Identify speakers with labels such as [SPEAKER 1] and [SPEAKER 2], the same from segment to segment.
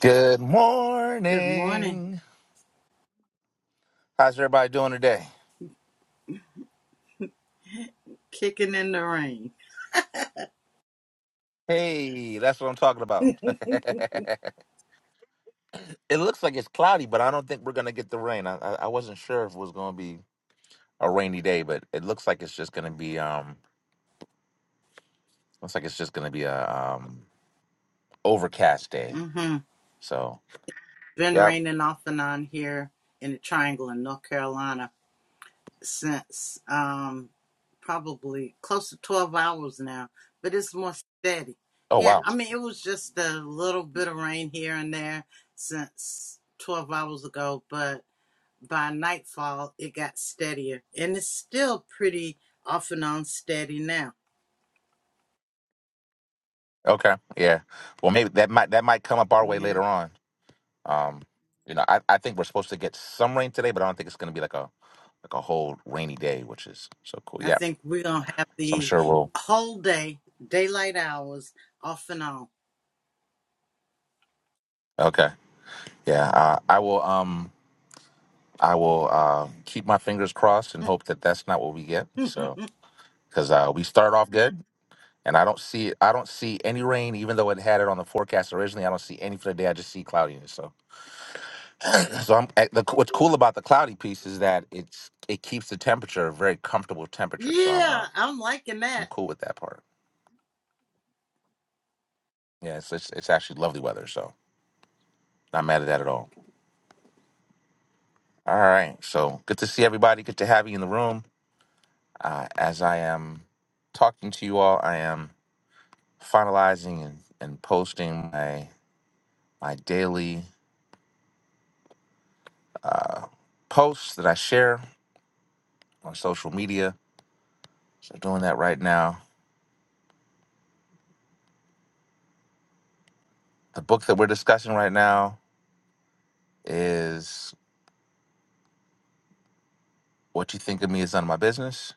[SPEAKER 1] Good
[SPEAKER 2] Good morning.
[SPEAKER 1] morning. How's everybody doing today?
[SPEAKER 2] Kicking in the rain.
[SPEAKER 1] Hey, that's what I'm talking about. it looks like it's cloudy, but I don't think we're gonna get the rain. I, I I wasn't sure if it was gonna be a rainy day, but it looks like it's just gonna be um looks like it's just gonna be a um overcast day.
[SPEAKER 2] Mm-hmm.
[SPEAKER 1] So
[SPEAKER 2] Been
[SPEAKER 1] yeah.
[SPEAKER 2] raining off and on here in the Triangle in North Carolina since um probably close to twelve hours now, but it's more steady.
[SPEAKER 1] Oh
[SPEAKER 2] Yeah,
[SPEAKER 1] wow.
[SPEAKER 2] I mean it was just a little bit of rain here and there since twelve hours ago, but by nightfall it got steadier, and it's still pretty off and on steady now.
[SPEAKER 1] Okay. Yeah. Well, maybe that might that might come up our way
[SPEAKER 2] Yeah.
[SPEAKER 1] later on. Um, you know, I, I think we're supposed to get some rain today, but I don't think it's going to be like a like a whole rainy day, which is so cool.
[SPEAKER 2] I
[SPEAKER 1] Yeah.
[SPEAKER 2] think we're gonna have
[SPEAKER 1] So I'm
[SPEAKER 2] the
[SPEAKER 1] sure we'll.
[SPEAKER 2] whole day, daylight hours, off and on.
[SPEAKER 1] Okay. Yeah. Uh, I will. Um. I will uh, keep my fingers crossed and hope that that's not what we get. So because uh, we started off good, and I don't see I don't see any rain, even though it had it on the forecast originally. I don't see any for the day. I just see cloudiness. So so I'm at the, what's cool about the cloudy piece is that it's it keeps the temperature a very comfortable temperature. So I'm
[SPEAKER 2] yeah,
[SPEAKER 1] uh,
[SPEAKER 2] I'm liking
[SPEAKER 1] I'm
[SPEAKER 2] that.
[SPEAKER 1] cool with that part. Yeah, it's, it's it's actually lovely weather, so not mad at that at all. All right, so good to see everybody. Good to have you in the room. Uh, as I am talking to you all, I am finalizing and, and posting my my daily uh, posts that I share on social media. So doing that right now. The book that we're discussing right now is "What You Think of Me Is None of My Business"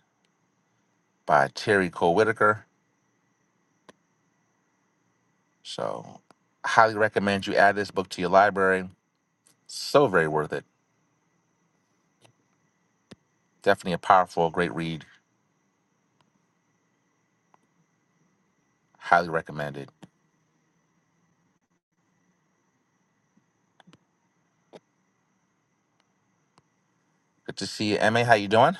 [SPEAKER 1] by Terry Cole Whitaker. So highly recommend you add this book to your library. So very worth it Definitely a powerful, great read. Highly recommended. Good to see you, Emma. How you doing?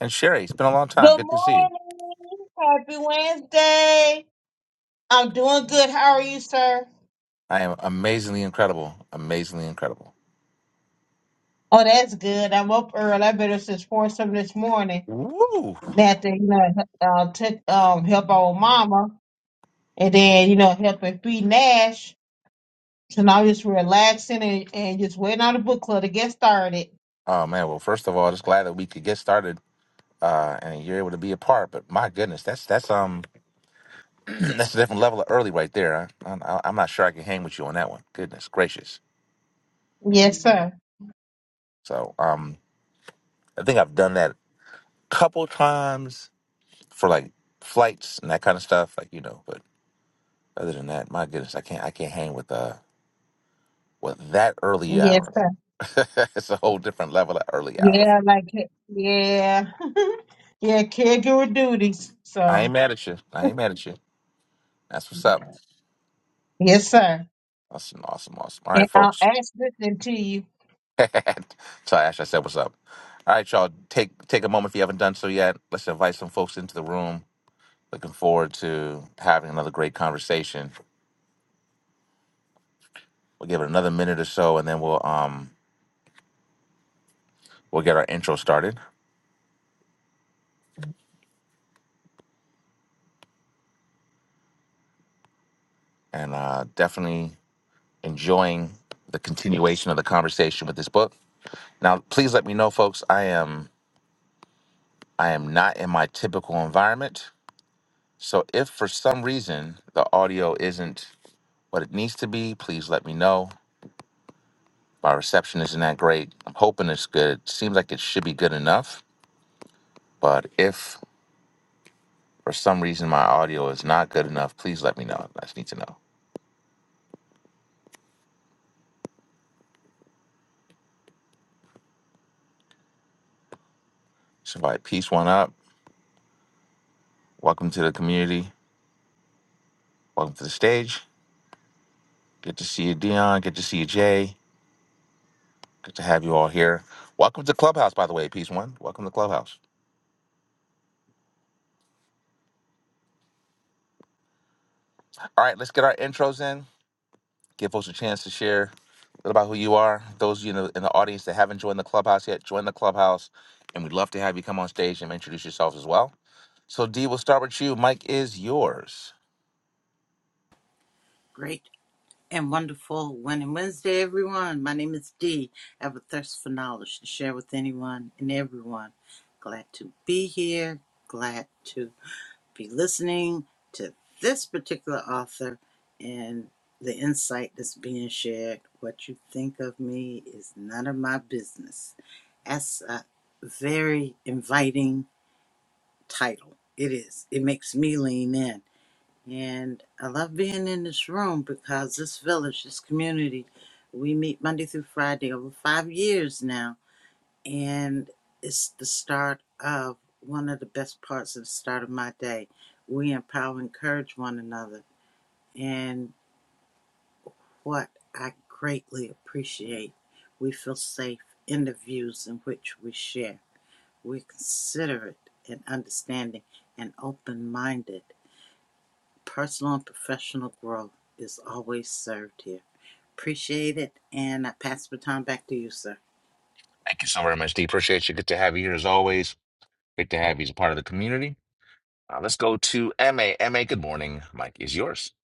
[SPEAKER 1] And Sherry, it's been a long time.
[SPEAKER 3] Good
[SPEAKER 1] Good to see you.
[SPEAKER 3] morning. Happy Wednesday. I'm doing good. How are you, sir?
[SPEAKER 1] I am amazingly incredible. Amazingly incredible.
[SPEAKER 3] Oh, that's good. I'm up early. I better since four something this morning.
[SPEAKER 1] Woo!
[SPEAKER 3] They have to, you know, uh, take, um, help our mama and then, you know, help and feed Nash. So now I'm just relaxing and, and just waiting on the book club to get started.
[SPEAKER 1] Oh man. Well, first of all, just glad that we could get started. Uh, and you're able to be a part, but my goodness, that's that's um that's a different level of early right there. I, I, I'm not sure I can hang with you on that one. Goodness gracious.
[SPEAKER 3] Yes, sir.
[SPEAKER 1] So um, I think I've done that a couple times for like flights and that kind of stuff. Like you know, but Other than that, my goodness, I can't I can't hang with uh with that early
[SPEAKER 3] Yes,
[SPEAKER 1] hour.
[SPEAKER 3] sir.
[SPEAKER 1] it's a whole different level of early hour.
[SPEAKER 3] Yeah, like, it. yeah. yeah, caregiver duties.
[SPEAKER 1] I
[SPEAKER 3] So,
[SPEAKER 1] ain't mad at you. I ain't mad at you. That's what's up.
[SPEAKER 3] yes, sir.
[SPEAKER 1] Awesome, awesome, awesome. All right,
[SPEAKER 3] And i am
[SPEAKER 1] folks.
[SPEAKER 3] actually listening to you.
[SPEAKER 1] Tell Ash I said what's up. All right, y'all. Take take a moment if you haven't done so yet. Let's invite some folks into the room. Looking forward to having another great conversation. We'll give it another minute or so, and then we'll um we'll get our intro started. And uh, definitely enjoying the continuation of the conversation with this book. Now, please let me know, folks. I am I am not in my typical environment. So if for some reason the audio isn't what it needs to be, please let me know. My reception isn't that great. I'm hoping it's good. Seems like it should be good enough. But if for some reason my audio is not good enough, please let me know. I just need to know. So if I piece one up, welcome to the community. Welcome to the stage. Good to see you, Dion. Good to see you, Jay. Good to have you all here. Welcome to Clubhouse, by the way, piece one. Welcome to Clubhouse. All right, let's get our intros in. Give folks a chance to share a little about who you are. Those you know in the audience that haven't joined the clubhouse yet, join the clubhouse, and we'd love to have you come on stage and introduce yourself as well. So, D, we'll start with you. Mike is yours.
[SPEAKER 2] Great and wonderful winning Wednesday, everyone. My name is Dee. I have a thirst for knowledge to share with anyone and everyone. Glad to be here. Glad to be listening to this particular author and the insight that's being shared. What you think of me is none of my business. That's a very inviting title. It is. It makes me lean in. And I love being in this room because this village, this community, we meet Monday through Friday over five years now and it's the start of one of the best parts of the start of my day. We empower and encourage one another, and what I greatly appreciate, we feel safe in the views in which we share. We're considerate and understanding and open minded. Personal and professional growth is always served here. Appreciate it, and I pass the baton back to you, sir.
[SPEAKER 1] Thank you so very much, D. Appreciate you. Good to have you here as always. Great to have you as a part of the community. Uh, let's go to M A M A. good morning. Mike is yours.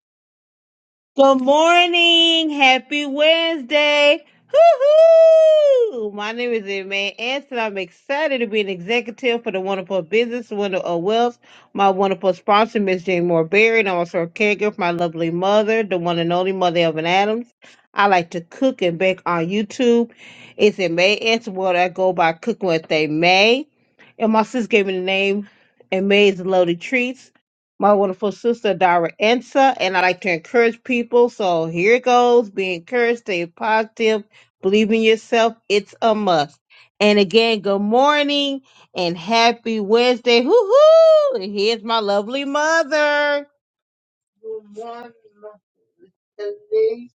[SPEAKER 3] Good morning. Happy Wednesday. Hoo-hoo! My name is Emma Anson. I'm excited to be an executive for the wonderful business, Wonder of Wells. My wonderful sponsor, Miss Jane Moore Berry, and I'm also a caregiver for my lovely mother, the one and only mother Evan Adams. I like to cook and bake on YouTube. It's in May Anson World. I go by cooking what they may. And my sis gave me the name Amazing Loaded Treats my wonderful sister Dara Ensa, and I like to encourage people. So here it goes. Be encouraged, stay positive, believe in yourself. It's a must. And again, good morning and happy Wednesday. Hoo hoo! And here's my lovely mother. Good morning, Mr. Lee.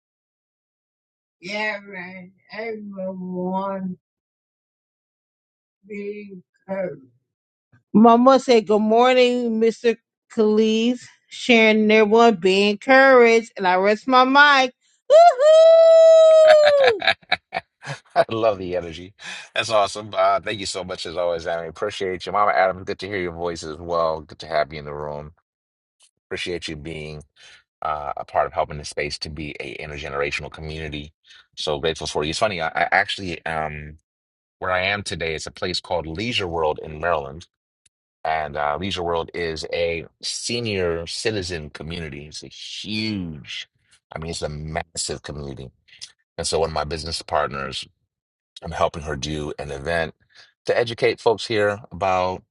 [SPEAKER 3] Yeah, man. everyone. Be encouraged. Mama said, Good morning, Mr. Khalid, sharing their one, be encouraged. And I rest my mic. Woohoo!
[SPEAKER 1] I love the energy. That's awesome. Uh, thank you so much as always, Adam. Appreciate you. Mama Adam. good to hear your voice as well. Good to have you in the room. Appreciate you being uh, a part of helping the space to be a intergenerational community. So grateful for you. It's funny, I, I actually um where I am today is a place called Leisure World in Maryland. And uh, Leisure World is a senior citizen community. It's a huge, I mean, it's a massive community. And so one of my business partners I'm helping her do an event to educate folks here about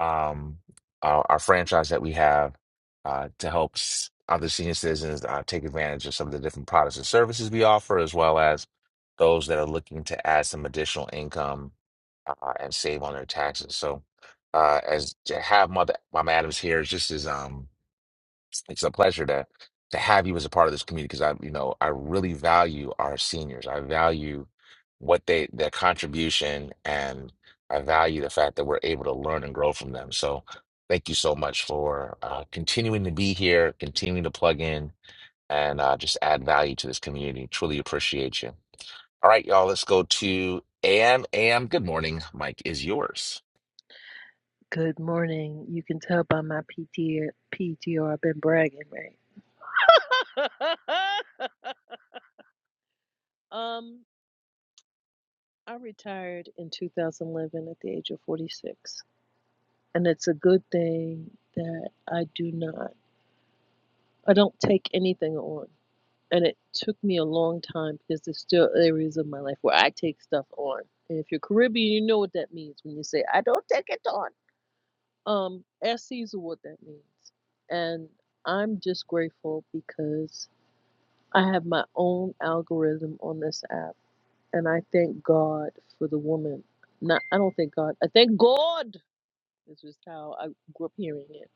[SPEAKER 1] um, our, our franchise that we have uh, to help s- other senior citizens uh, take advantage of some of the different products and services we offer, as well as those that are looking to add some additional income uh, and save on their taxes. So, uh, as to have Mother Mom Adams here, it's just as um, it's a pleasure to to have you as a part of this community because I, you know, I really value our seniors. I value what they their contribution and I value the fact that we're able to learn and grow from them. So thank you so much for uh, continuing to be here, continuing to plug in and uh, just add value to this community. Truly appreciate you. All right, y'all, let's go to AM. AM, good morning. Mike is yours.
[SPEAKER 4] Good morning. You can tell by my PT I've been bragging, right? um, I retired in 2011 at the age of 46, and it's a good thing that I do not, I don't take anything on. And it took me a long time because there's still areas of my life where I take stuff on. And if you're Caribbean, you know what that means when you say I don't take it on. Um, ask Caesar what that means. And I'm just grateful because I have my own algorithm on this app, and I thank God for the woman. Not, I don't thank God. I thank God. This is how I grew up hearing it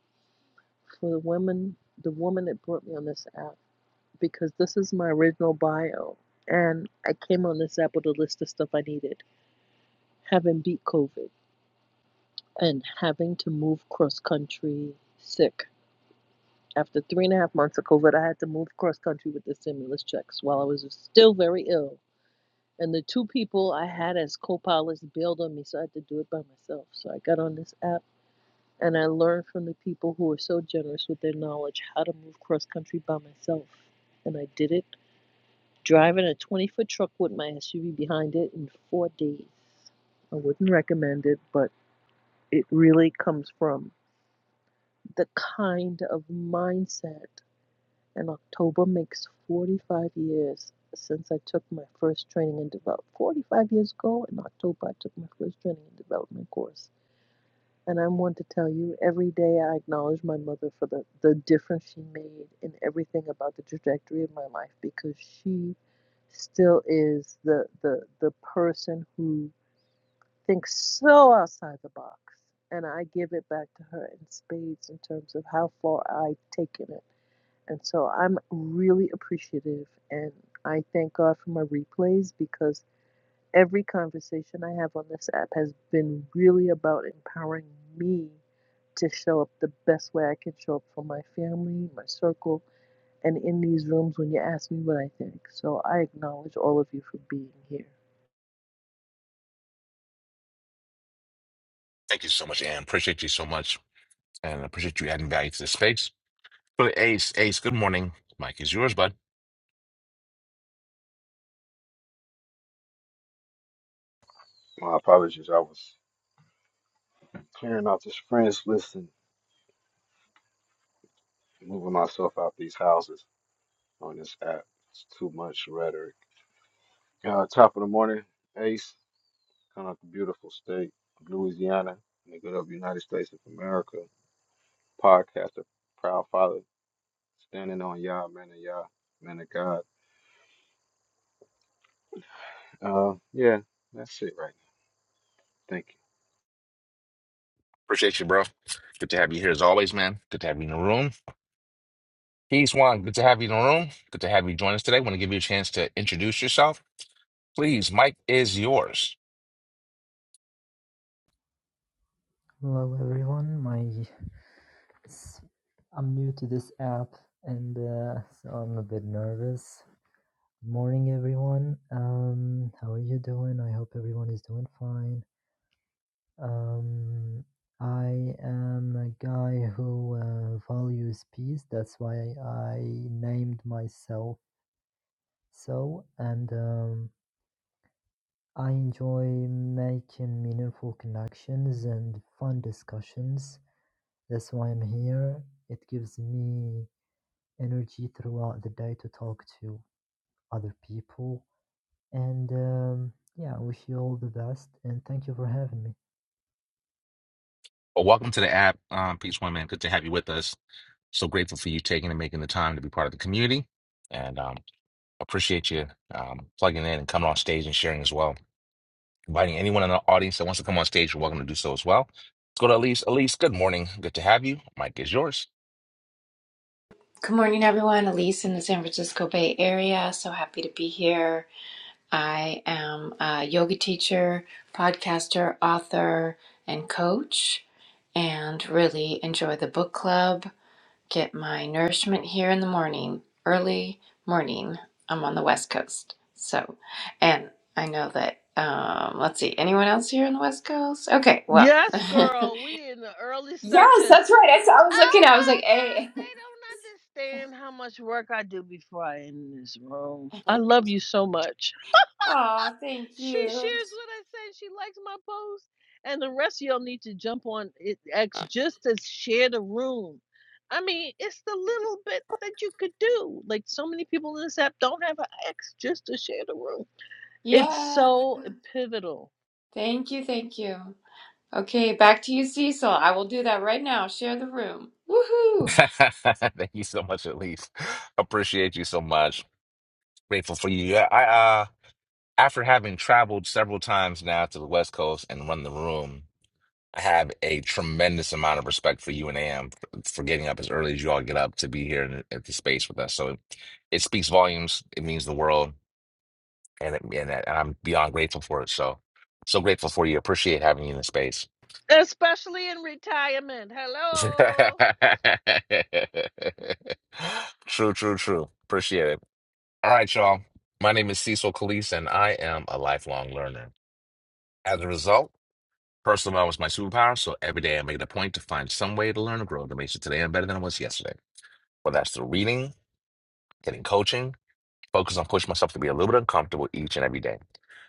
[SPEAKER 4] for the woman, the woman that brought me on this app, because this is my original bio, and I came on this app with a list of stuff I needed, having beat COVID and having to move cross country sick. After three and a half months of COVID, I had to move cross country with the stimulus checks while I was still very ill And the two people I had as co pilots bailed on me, so I had to do it by myself. So I got on this app and I learned from the people who were so generous with their knowledge how to move cross country by myself. And I did it driving a 20 foot truck with my SUV behind it in four days. I wouldn't recommend it, but it really comes from the kind of mindset and October makes 45 years since I took my first training and development. 45 years ago in October, I took my first training and development course. And I want to tell you, every day I acknowledge my mother for the, the difference she made in everything about the trajectory of my life because she still is the, the, the person who thinks so outside the box. And I give it back to her in spades in terms of how far I've taken it and so I'm really appreciative and I thank God for my replays because every conversation I have on this app has been really about empowering me to show up the best way I can show up for my family, my circle, and in these rooms when you ask me what I think. So I acknowledge all of you for being here.
[SPEAKER 1] Thank you so much, AM. Appreciate you so much and appreciate you adding value to this space. So Ace, Ace, good morning. Mike is yours, bud.
[SPEAKER 5] My apologies. I was clearing out this friends list and moving myself out these houses on this app. It's too much rhetoric. Uh, top of the morning, Ace, coming out the beautiful state of Louisiana, in the good of United States of America. Podcaster, proud father, standing on y'all, man of y'all, man of God. Uh, yeah, that's it right now. Thank you.
[SPEAKER 1] Appreciate you, bro. Good to have you here as always, man. Good to have you in the room. Peace, Juan. Good to have you in the room. Good to have you join us today. Want to give you a chance to introduce yourself. Please, Mike is yours.
[SPEAKER 6] Hello everyone, my i I'm new to this app and uh, so I'm a bit nervous. Good morning everyone. Um, how are you doing? I hope everyone is doing fine. Um, I am a guy who uh, values peace. That's why I named myself so. And um, I enjoy making meaningful connections and fun discussions. That's why I'm here. It gives me energy throughout the day to talk to other people. And um, yeah, I wish you all the best and thank you for having me.
[SPEAKER 1] Well, welcome to the app. Um, Peace One, man. Good to have you with us. So grateful for you taking and making the time to be part of the community. And um, appreciate you um, plugging in and coming on stage and sharing as well. Inviting anyone in the audience that wants to come on stage, you're welcome to do so as well. Let's go to Elise. Elise, good morning. Good to have you. Mike is yours.
[SPEAKER 7] Good morning, everyone. Elise in the San Francisco Bay Area. So happy to be here. I am a yoga teacher, podcaster, author, and coach, and really enjoy the book club. Get my nourishment here in the morning, early morning. I'm on the West Coast. So, and I know that, um, let's see, anyone else here on the West Coast? Okay, well,
[SPEAKER 4] Yes,
[SPEAKER 7] yes,
[SPEAKER 4] girl, we in the early section.
[SPEAKER 7] that's right. I, saw- I was looking,
[SPEAKER 4] Oh
[SPEAKER 7] I was
[SPEAKER 4] my
[SPEAKER 7] like, hey,
[SPEAKER 4] God, they don't understand how much work I do before I end this room. I love you so much.
[SPEAKER 7] oh, thank
[SPEAKER 4] She
[SPEAKER 7] you.
[SPEAKER 4] shares what I said. She likes my post. And the rest of y'all need to jump on it X just to share the room. I mean, it's the little bit that you could do. Like so many people in this app don't have an X just to share the room. It's
[SPEAKER 7] Yeah.
[SPEAKER 4] so pivotal.
[SPEAKER 7] Thank you. Thank you. Okay, back to you, Cecil. I will do that right now. Share the room. Woohoo!
[SPEAKER 1] Thank you so much, Elise. Appreciate you so much. Grateful for you. Yeah, I uh after having traveled several times now to the West Coast and run the room, I have a tremendous amount of respect for you and Am for getting up as early as you all get up to be here in- at the space with us. So it, it speaks volumes. It means the world, and it, and, that- and I'm beyond grateful for it. So so grateful for you. Appreciate having you in the space.
[SPEAKER 4] Especially in retirement. Hello.
[SPEAKER 1] True, true, true. Appreciate it. All right, y'all. My name is Cecil Calise, and I am a lifelong learner. As a result, personal development is my superpower, so every day I make it a point to find some way to learn and grow to make sure today I'm better than I was yesterday. Whether that's through reading, getting coaching, focus on pushing myself to be a little bit uncomfortable each and every day.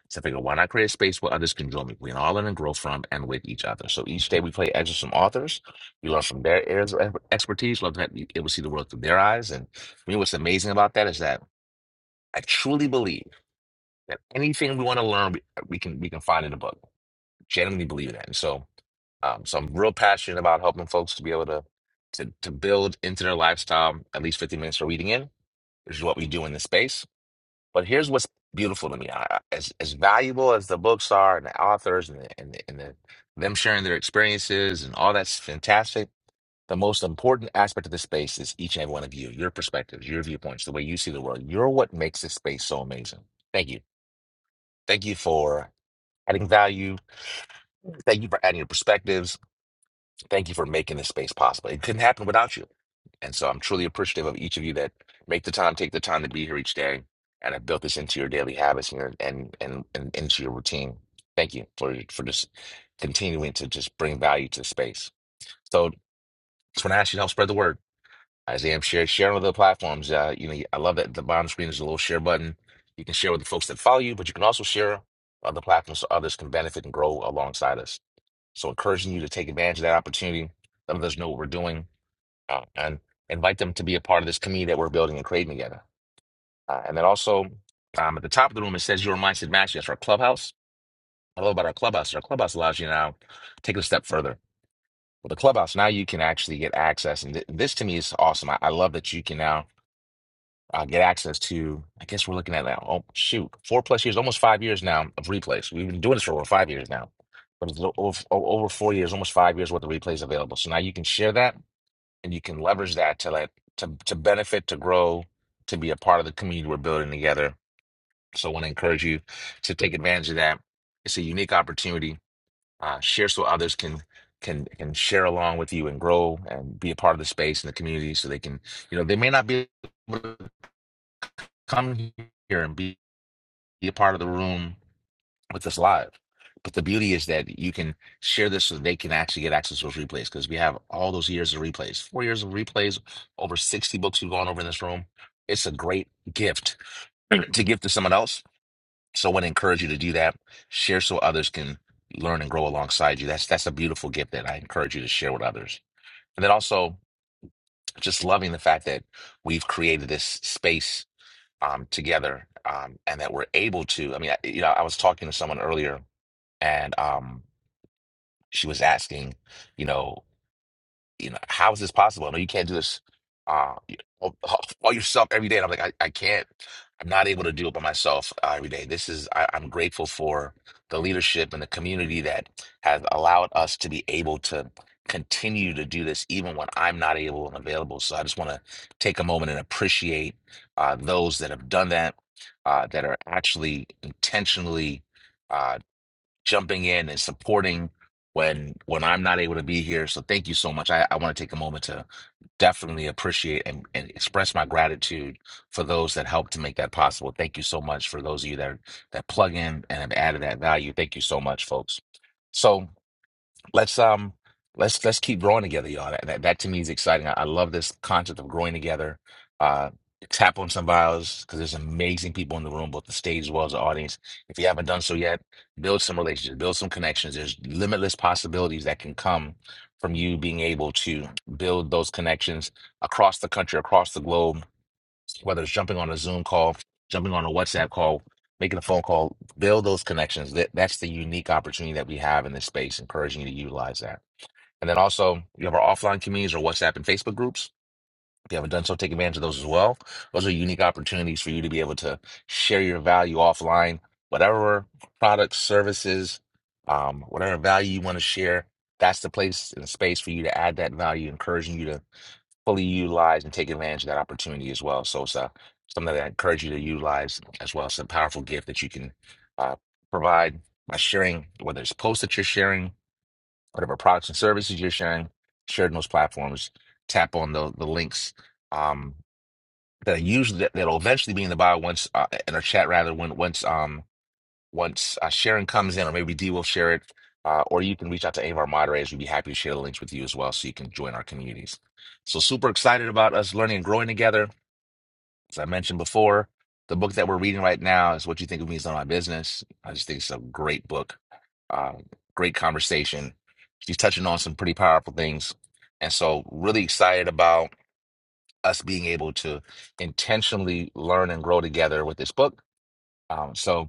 [SPEAKER 1] So I figure, why not create a space where others can join me? We can all learn and grow from and with each other. So each day we play excerpts from authors. You learn from their areas of ex- expertise. Love that you able to see the world through their eyes. And for me, what's amazing about that is that I truly believe that anything we want to learn, we, uh, we can we can find in a book. Genuinely believe that. And so, um, so I'm real passionate about helping folks to be able to to to build into their lifestyle at least 15 minutes of reading in, which is what we do in this space. But here's what's beautiful to me: I, I- as as valuable as the books are, and the authors, and the, and, the, and the, them sharing their experiences, and all that's fantastic. The most important aspect of this space is each and every one of you, your perspectives, your viewpoints, the way you see the world. You're what makes this space so amazing. Thank you. Thank you for adding value. Thank you for adding your perspectives. Thank you for making this space possible. It couldn't happen without you. And so I'm truly appreciative of each of you that make the time, take the time to be here each day and have built this into your daily habits and, your, and, and, and into your routine. Thank you for, for just continuing to just bring value to the space. So just want to ask you to help spread the word. As I am share, sharing on the platforms, uh, you know, I love that at the bottom screen is a little share button. You can share with the folks that follow you, but you can also share on the platforms so others can benefit and grow alongside us. So encouraging you to take advantage of that opportunity. Let others know what we're doing uh, and invite them to be a part of this community that we're building and creating together. Uh, and then also um, at the top of the room, it says your mindset match. That's our clubhouse. I love about our clubhouse. Our clubhouse allows you now to take it a step further. With the clubhouse, now you can actually get access. And th- this to me is awesome. I, I love that you can now uh, get access to. I guess we're looking at that. Oh shoot, four plus years, almost five years now of replays. We've been doing this for over five years now, but it's o- over, over four years, almost five years worth of replays available. So now you can share that and you can leverage that to let to to benefit, to grow, to be a part of the community we're building together. So I want to encourage you to take advantage of that. It's a unique opportunity. Uh, share so others can can can share along with you and grow and be a part of the space and the community so they can you know they may not be come here and be, be a part of the room with us live. But the beauty is that you can share this so they can actually get access to those replays because we have all those years of replays, four years of replays, over 60 books we've gone over in this room. It's a great gift to give to someone else. So I want to encourage you to do that. Share so others can learn and grow alongside you. That's that's a beautiful gift that I encourage you to share with others. And then also just loving the fact that we've created this space um, together um, and that we're able to. I mean, I, you know, I was talking to someone earlier and um, she was asking, you know, you know, how is this possible? No, you can't do this uh, you know, all, all yourself every day. And I'm like, I, I can't. I'm not able to do it by myself uh, every day. This is, I, I'm grateful for the leadership and the community that has allowed us to be able to continue to do this even when I'm not able and available. So I just want to take a moment and appreciate uh, those that have done that, uh, that are actually intentionally. Uh, jumping in and supporting when when I'm not able to be here. So thank you so much. I, I want to take a moment to definitely appreciate and, and express my gratitude for those that helped to make that possible. Thank you so much for those of you that that plug in and have added that value. Thank you so much, folks. So let's um let's let's keep growing together y'all that, that, that to me is exciting I, I love this concept of growing together uh tap on some bios because there's amazing people in the room both the stage as well as the audience if you haven't done so yet build some relationships build some connections there's limitless possibilities that can come from you being able to build those connections across the country across the globe whether it's jumping on a Zoom call, jumping on a WhatsApp call, making a phone call, build those connections. That that's the unique opportunity that we have in this space, encouraging you to utilize that. And then also you have our offline communities or WhatsApp and Facebook groups. If you haven't done so, take advantage of those as well. Those are unique opportunities for you to be able to share your value offline, whatever products, services, um, whatever value you want to share. That's the place and the space for you to add that value, encouraging you to fully utilize and take advantage of that opportunity as well. So it's uh, something that I encourage you to utilize as well. It's a powerful gift that you can uh, provide by sharing, whether it's posts that you're sharing, whatever products and services you're sharing, shared in those platforms. Tap on the the links um, that are usually that, that'll eventually be in the bio once uh, in our chat rather when once um once uh, Sharon comes in, or maybe Dee will share it, uh, or you can reach out to any of our moderators. We'd be happy to share the links with you as well so you can join our communities. So, super excited about us learning and growing together. As I mentioned before, the book that we're reading right now is What You Think of Me is Not My Business. I just think it's a great book, uh, great conversation. She's touching on some pretty powerful things. And so, really excited about us being able to intentionally learn and grow together with this book um, so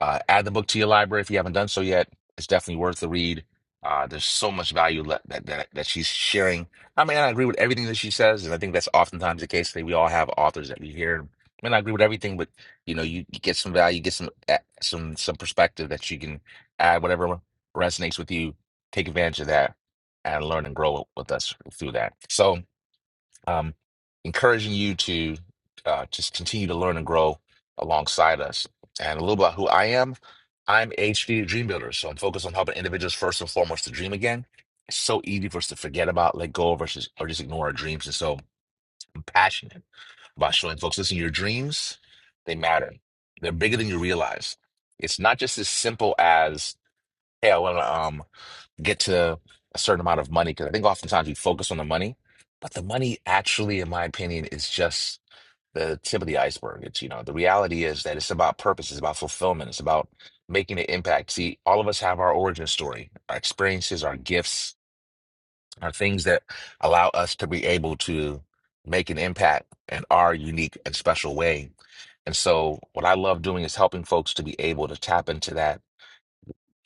[SPEAKER 1] uh, add the book to your library if you haven't done so yet. It's definitely worth the read. Uh, there's so much value le- that, that that she's sharing. I mean, I agree with everything that she says, and I think that's oftentimes the case. That we all have authors that we hear. I mean, I agree with everything, but you know, you, you get some value, get some eh, some some perspective that you can add whatever resonates with you. Take advantage of that and learn and grow with us through that. So um, encouraging you to uh, just continue to learn and grow alongside us. And a little bit about who I am I'm HD Dream Builder. So I'm focused on helping individuals first and foremost to dream again. It's so easy for us to forget about, let go of, or just, or just ignore our dreams. And so I'm passionate about showing folks listen, your dreams, they matter. They're bigger than you realize. It's not just as simple as, hey, I want to. um get to a certain amount of money because I think oftentimes we focus on the money, but the money actually, in my opinion, is just the tip of the iceberg. It's, you know, the reality is that it's about purpose, it's about fulfillment, it's about making an impact. See, all of us have our origin story, our experiences, our gifts, our things that allow us to be able to make an impact in our unique and special way. And so, what I love doing is helping folks to be able to tap into that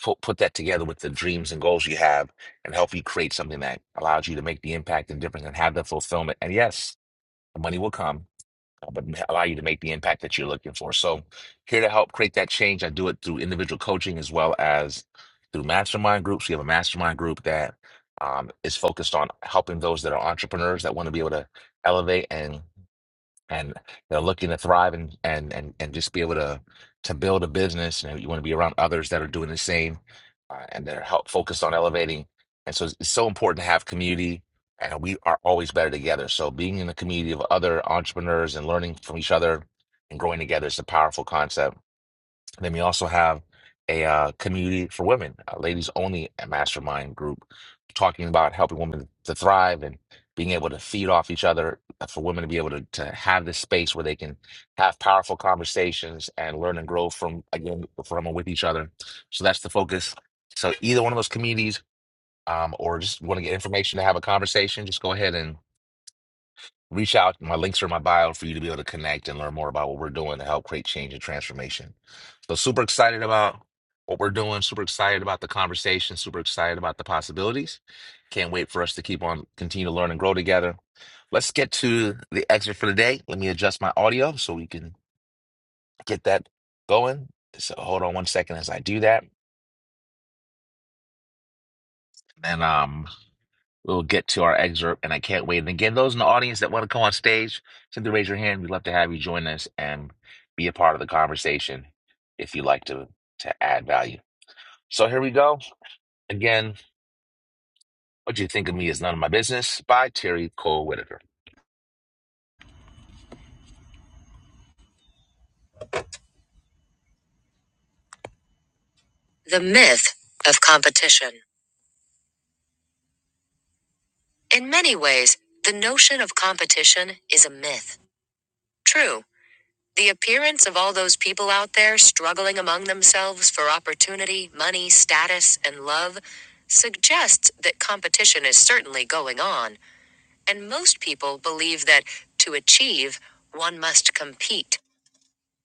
[SPEAKER 1] put, put that together with the dreams and goals you have and help you create something that allows you to make the impact and difference and have the fulfillment. And yes, the money will come, uh, but allow you to make the impact that you're looking for. So here to help create that change. I do it through individual coaching as well as through mastermind groups. We have a mastermind group that um, is focused on helping those that are entrepreneurs that want to be able to elevate and and they're looking to thrive and and and and just be able to to build a business and you want to be around others that are doing the same uh, and that are help focused on elevating and so it's, it's so important to have community and we are always better together so being in the community of other entrepreneurs and learning from each other and growing together is a powerful concept and then we also have a uh, community for women, a ladies only mastermind group, talking about helping women to thrive and being able to feed off each other, uh, for women to be able to, to have this space where they can have powerful conversations and learn and grow from, again, from and with each other. So that's the focus. So either one of those communities, um, or just want to get information to have a conversation, just go ahead and Reach out. My links are in my bio for you to be able to connect and learn more about what we're doing to help create change and transformation. So, super excited about what we're doing. Super excited about the conversation. Super excited about the possibilities. Can't wait for us to keep on continue to learn and grow together. Let's get to the excerpt for the day. Let me adjust my audio so we can get that going. So, hold on one second as I do that. And um, We'll get to our excerpt, and I can't wait. And again, those in the audience that want to come on stage, simply raise your hand. We'd love to have you join us and be a part of the conversation if you'd like to to add value. So here we go. Again, what you think of me is none of my business by Terry Cole Whitaker. The myth of competition. In many ways, the notion of competition is a myth. True. The appearance of all those people out there struggling among themselves for opportunity, money, status, and love suggests that competition is certainly going on, and most people believe that to achieve, one must compete.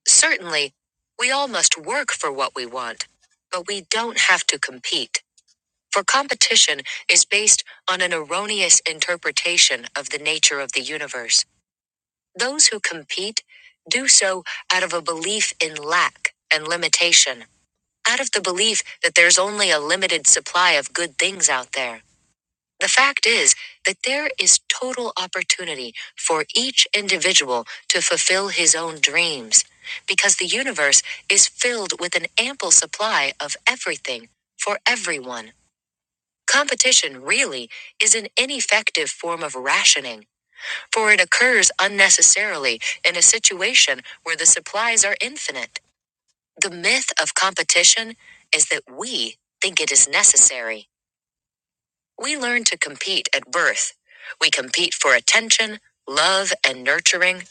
[SPEAKER 1] Certainly, we all must work for what we want, but we don't have to compete. For competition is based on an erroneous interpretation of the nature of the universe. Those who compete do so out of a belief in lack and limitation, out of the belief that there's only a limited supply of good things out there. The fact is that there is total opportunity for each individual to fulfill his own dreams, because the universe is filled with an ample supply of everything for everyone. Competition really is an ineffective form of rationing for it occurs unnecessarily in a situation where the supplies are infinite. The myth of competition is that we think it is necessary. We learn to compete at birth. We compete for attention, love, and nurturing.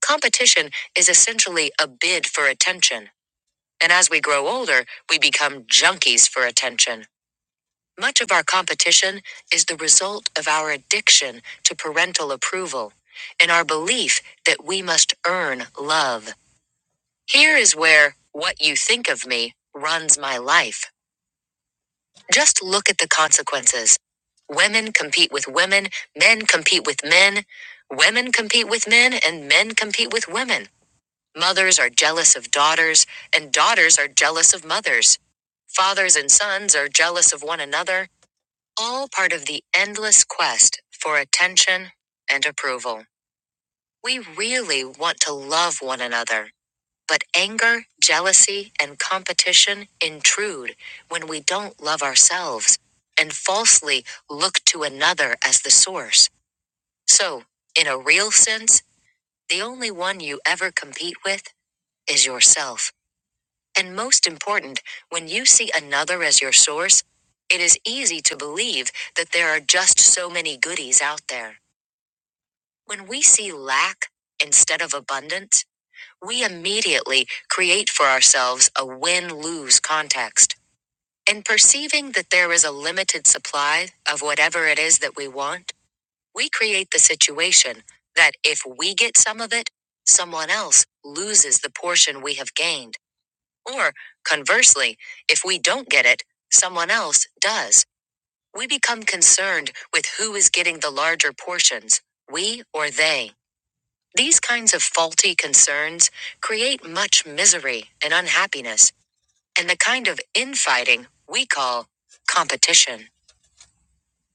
[SPEAKER 1] Competition is essentially a bid for attention. And as we grow older, we become junkies for attention. Much of our competition is the result of our addiction to parental approval and our belief that we must earn love. Here is where what you think of me runs my life. Just look at the consequences. Women compete with women, men compete with men, women compete with men, and men compete with women. Mothers are jealous of daughters, and daughters are jealous of mothers. Fathers and sons are jealous of one another, all part of the endless quest for attention and approval. We really want to love one another, but anger, jealousy, and competition intrude when we don't love ourselves and falsely look to another as the source. So, in a real sense, the only one you ever compete with is yourself. And most important, when you see another as your source, it is easy to believe that there are just so many goodies out there. When we see lack instead of abundance, we immediately create for ourselves a win lose context. In perceiving that there is a limited supply of whatever it is that we want, we create the situation that if we get some of it, someone else loses the portion we have gained. Or, conversely, if we don't get it, someone else does. We become concerned with who is getting the larger portions, we or they. These kinds of faulty concerns create much misery and unhappiness, and the kind of infighting we call competition.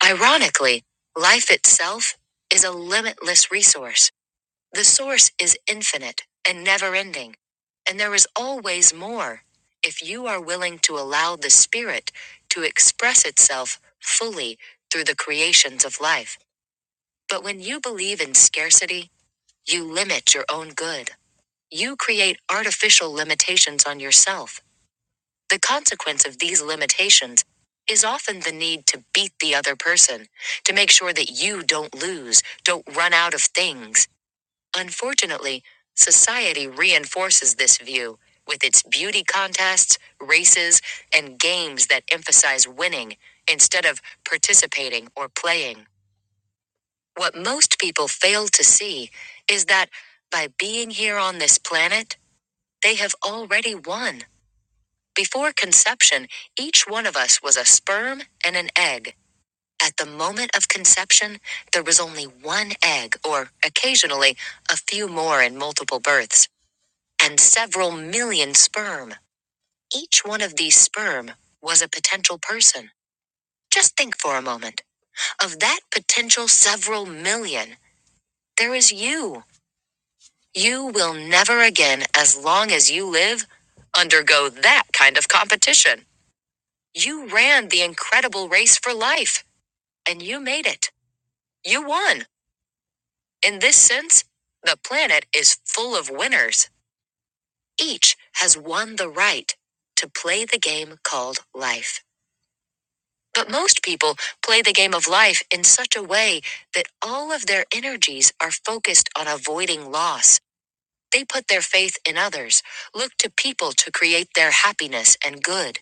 [SPEAKER 1] Ironically, life itself is a limitless resource. The source is infinite and never ending, and there is always more if you are willing to allow the spirit to express itself fully through the creations of life. But when you believe in scarcity, you limit your own good. You create artificial limitations on yourself. The consequence of these limitations is often the need to beat the other person, to make sure that you don't lose, don't run out of things Unfortunately, society reinforces this view with its beauty contests, races, and games that emphasize winning instead of participating or playing. What most people fail to see is that by being here on this planet, they have already won. Before conception, each one of us was a sperm and an egg. At the moment of conception, there was only one egg, or occasionally a few more in multiple births and several million sperm. Each one of these sperm was a potential person. Just think for a moment. Of that potential several million, there is you. You will never again, as long as you live, undergo that kind of competition. You ran the incredible race for life, and you made it. You won. In this sense, the planet is full of winners. Each has won the right to play the game called life. But most people play the game of life in such a way that all of their energies are focused on avoiding loss. They put their faith in others, look to people to create their happiness and good,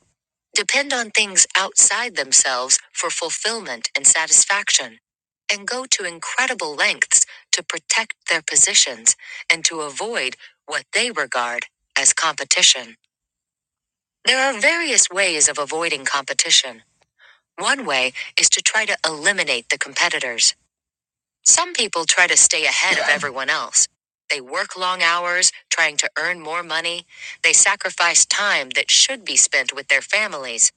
[SPEAKER 1] depend on things outside themselves for fulfillment and satisfaction, and go to incredible lengths to protect their positions and to avoid what they regard as competition. There are various ways of avoiding competition. One way is to try to eliminate the competitors. Some people try to stay ahead of everyone else. They work long hours, trying to earn more money. They sacrifice time that should be spent with their families.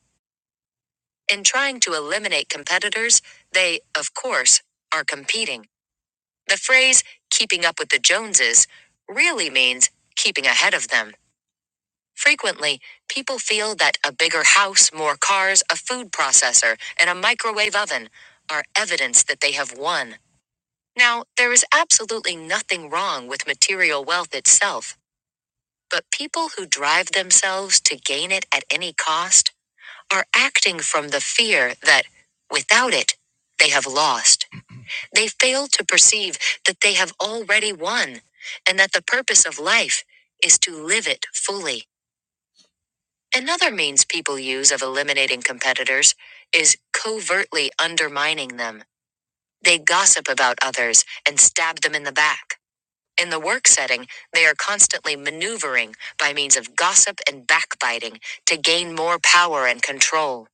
[SPEAKER 1] In trying to eliminate competitors, they, of course, are competing. The phrase, keeping up with the Joneses, really means keeping ahead of them. Frequently, people feel that a bigger house, more cars, a food processor, and a microwave oven are evidence that they have won. Now, there is absolutely nothing wrong with material wealth itself, but people who drive themselves to gain it at any cost are acting from the fear that, without it, they have lost. They fail to perceive that they have already won, and that the purpose of life is to live it fully. Another means people use of eliminating competitors is covertly undermining them. They gossip about others and stab them in the back. In the work setting, they are constantly maneuvering by means of gossip and backbiting to gain more power and control.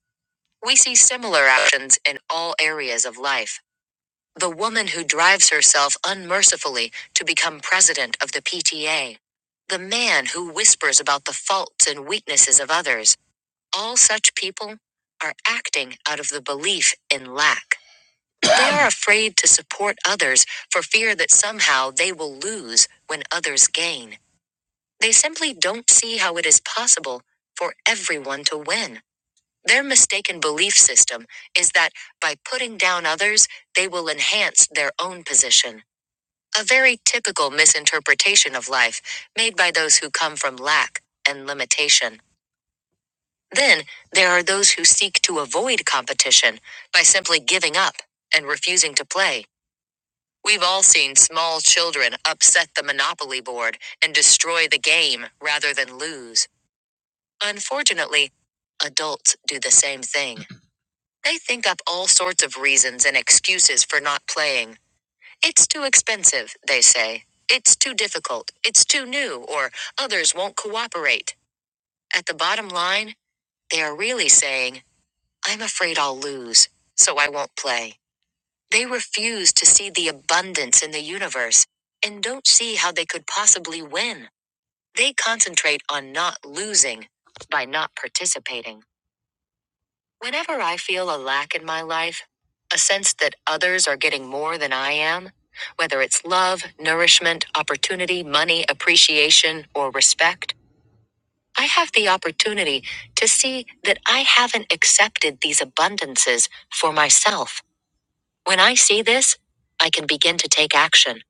[SPEAKER 1] We see similar actions in all areas of life. The woman who drives herself unmercifully to become president of the PTA. The man who whispers about the faults and weaknesses of others all such people are acting out of the belief in lack. They are afraid to support others for fear that somehow they will lose when others gain. They simply don't see how it is possible for everyone to win. Their mistaken belief system is that by putting down others, they will enhance their own position. A very typical misinterpretation of life made by those who come from lack and limitation. Then there are those who seek to avoid competition by simply giving up and refusing to play. We've all seen small children upset the Monopoly board and destroy the game rather than lose. Unfortunately, adults do the same thing. They think up all sorts of reasons and excuses for not playing. It's too expensive, they say. It's too difficult. It's too new, or others won't cooperate. At the bottom line, they are really saying, I'm afraid I'll lose, so I won't play. They refuse to see the abundance in the universe and don't see how they could possibly win. They concentrate on not losing by not participating. Whenever I feel a lack in my life, a sense that others are getting more than I am, whether it's love, nourishment, opportunity, money, appreciation, or respect, I have the opportunity to see that I haven't accepted these abundances for myself. When I see this, I can begin to take action.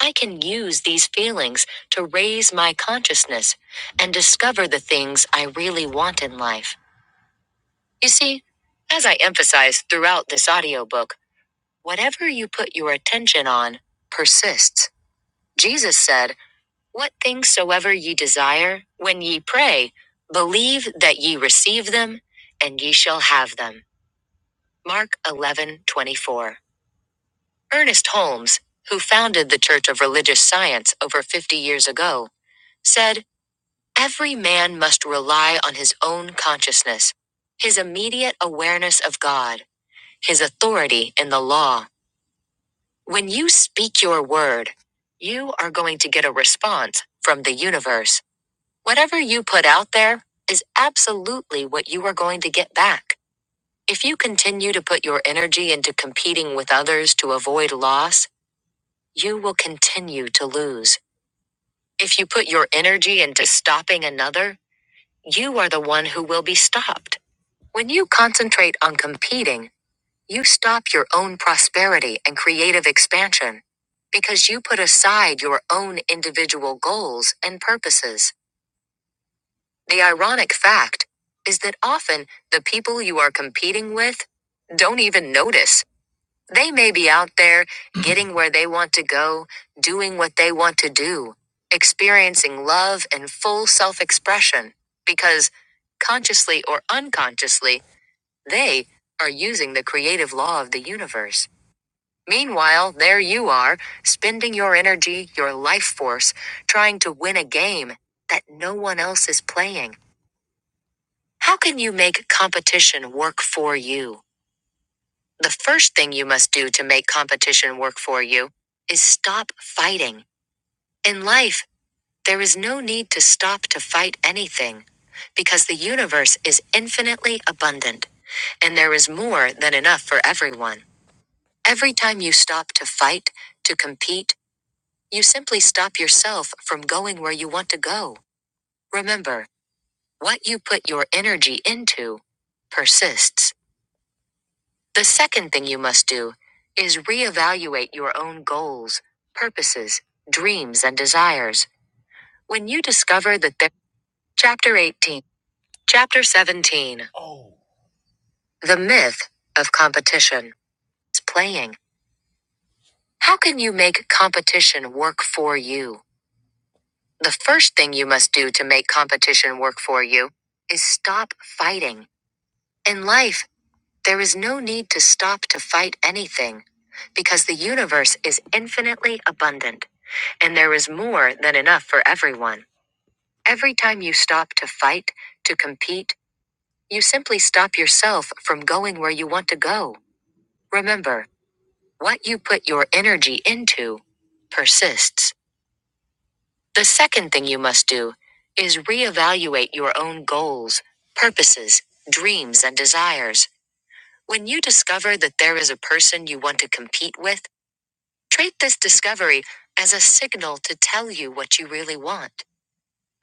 [SPEAKER 1] I can use these feelings to raise my consciousness and discover the things I really want in life. You see, as I emphasize throughout this audiobook, whatever you put your attention on persists. Jesus said, What things soever ye desire, when ye pray, believe that ye receive them, and ye shall have them. Mark eleven twenty four. Ernest Holmes, who founded the Church of Religious Science over 50 years ago, said, Every man must rely on his own consciousness, his immediate awareness of God, his authority in the law. When you speak your word, you are going to get a response from the universe. Whatever you put out there is absolutely what you are going to get back. If you continue to put your energy into competing with others to avoid loss, you will continue to lose. If you put your energy into stopping another, you are the one who will be stopped. When you concentrate on competing, you stop your own prosperity and creative expansion because you put aside your own individual goals and purposes. The ironic fact is that often the people you are competing with don't even notice They may be out there, getting where they want to go, doing what they want to do, experiencing love and full self expression, because consciously or unconsciously, they are using the creative law of the universe. Meanwhile, there you are, spending your energy, your life force, trying to win a game that no one else is playing. How can you make competition work for you? The first thing you must do to make competition work for you is stop fighting. In life, there is no need to stop to fight anything because the universe is infinitely abundant and there is more than enough for everyone. Every time you stop to fight, to compete, you simply stop yourself from going where you want to go. Remember, what you put your energy into persists. The second thing you must do is reevaluate your own goals, purposes, dreams, and desires. When you discover that there, chapter 18, chapter 17, Oh. the myth of competition is playing. How can you make competition work for you? The first thing you must do to make competition work for you is stop fighting. In life, There is no need to stop to fight anything, because the universe is infinitely abundant, and there is more than enough for everyone. Every time you stop to fight, to compete, you simply stop yourself from going where you want to go. Remember, what you put your energy into persists. The second thing you must do is reevaluate your own goals, purposes, dreams, and desires. When you discover that there is a person you want to compete with, treat this discovery as a signal to tell you what you really want.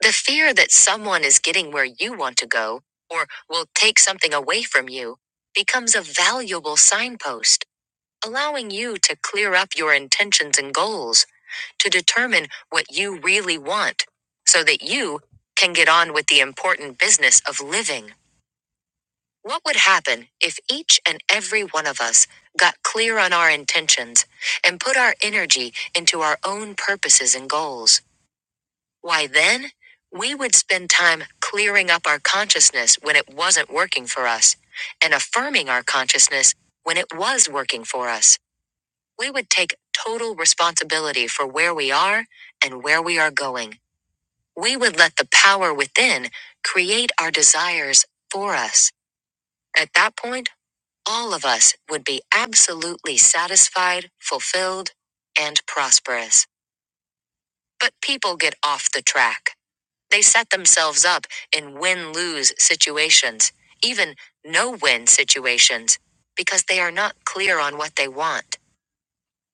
[SPEAKER 1] The fear that someone is getting where you want to go or will take something away from you becomes a valuable signpost, allowing you to clear up your intentions and goals, to determine what you really want, so that you can get on with the important business of living. What would happen if each and every one of us got clear on our intentions and put our energy into our own purposes and goals? Why then, we would spend time clearing up our consciousness when it wasn't working for us and affirming our consciousness when it was working for us. We would take total responsibility for where we are and where we are going. We would let the power within create our desires for us. At that point, all of us would be absolutely satisfied, fulfilled, and prosperous. But people get off the track. They set themselves up in win lose situations, even no win situations, because they are not clear on what they want.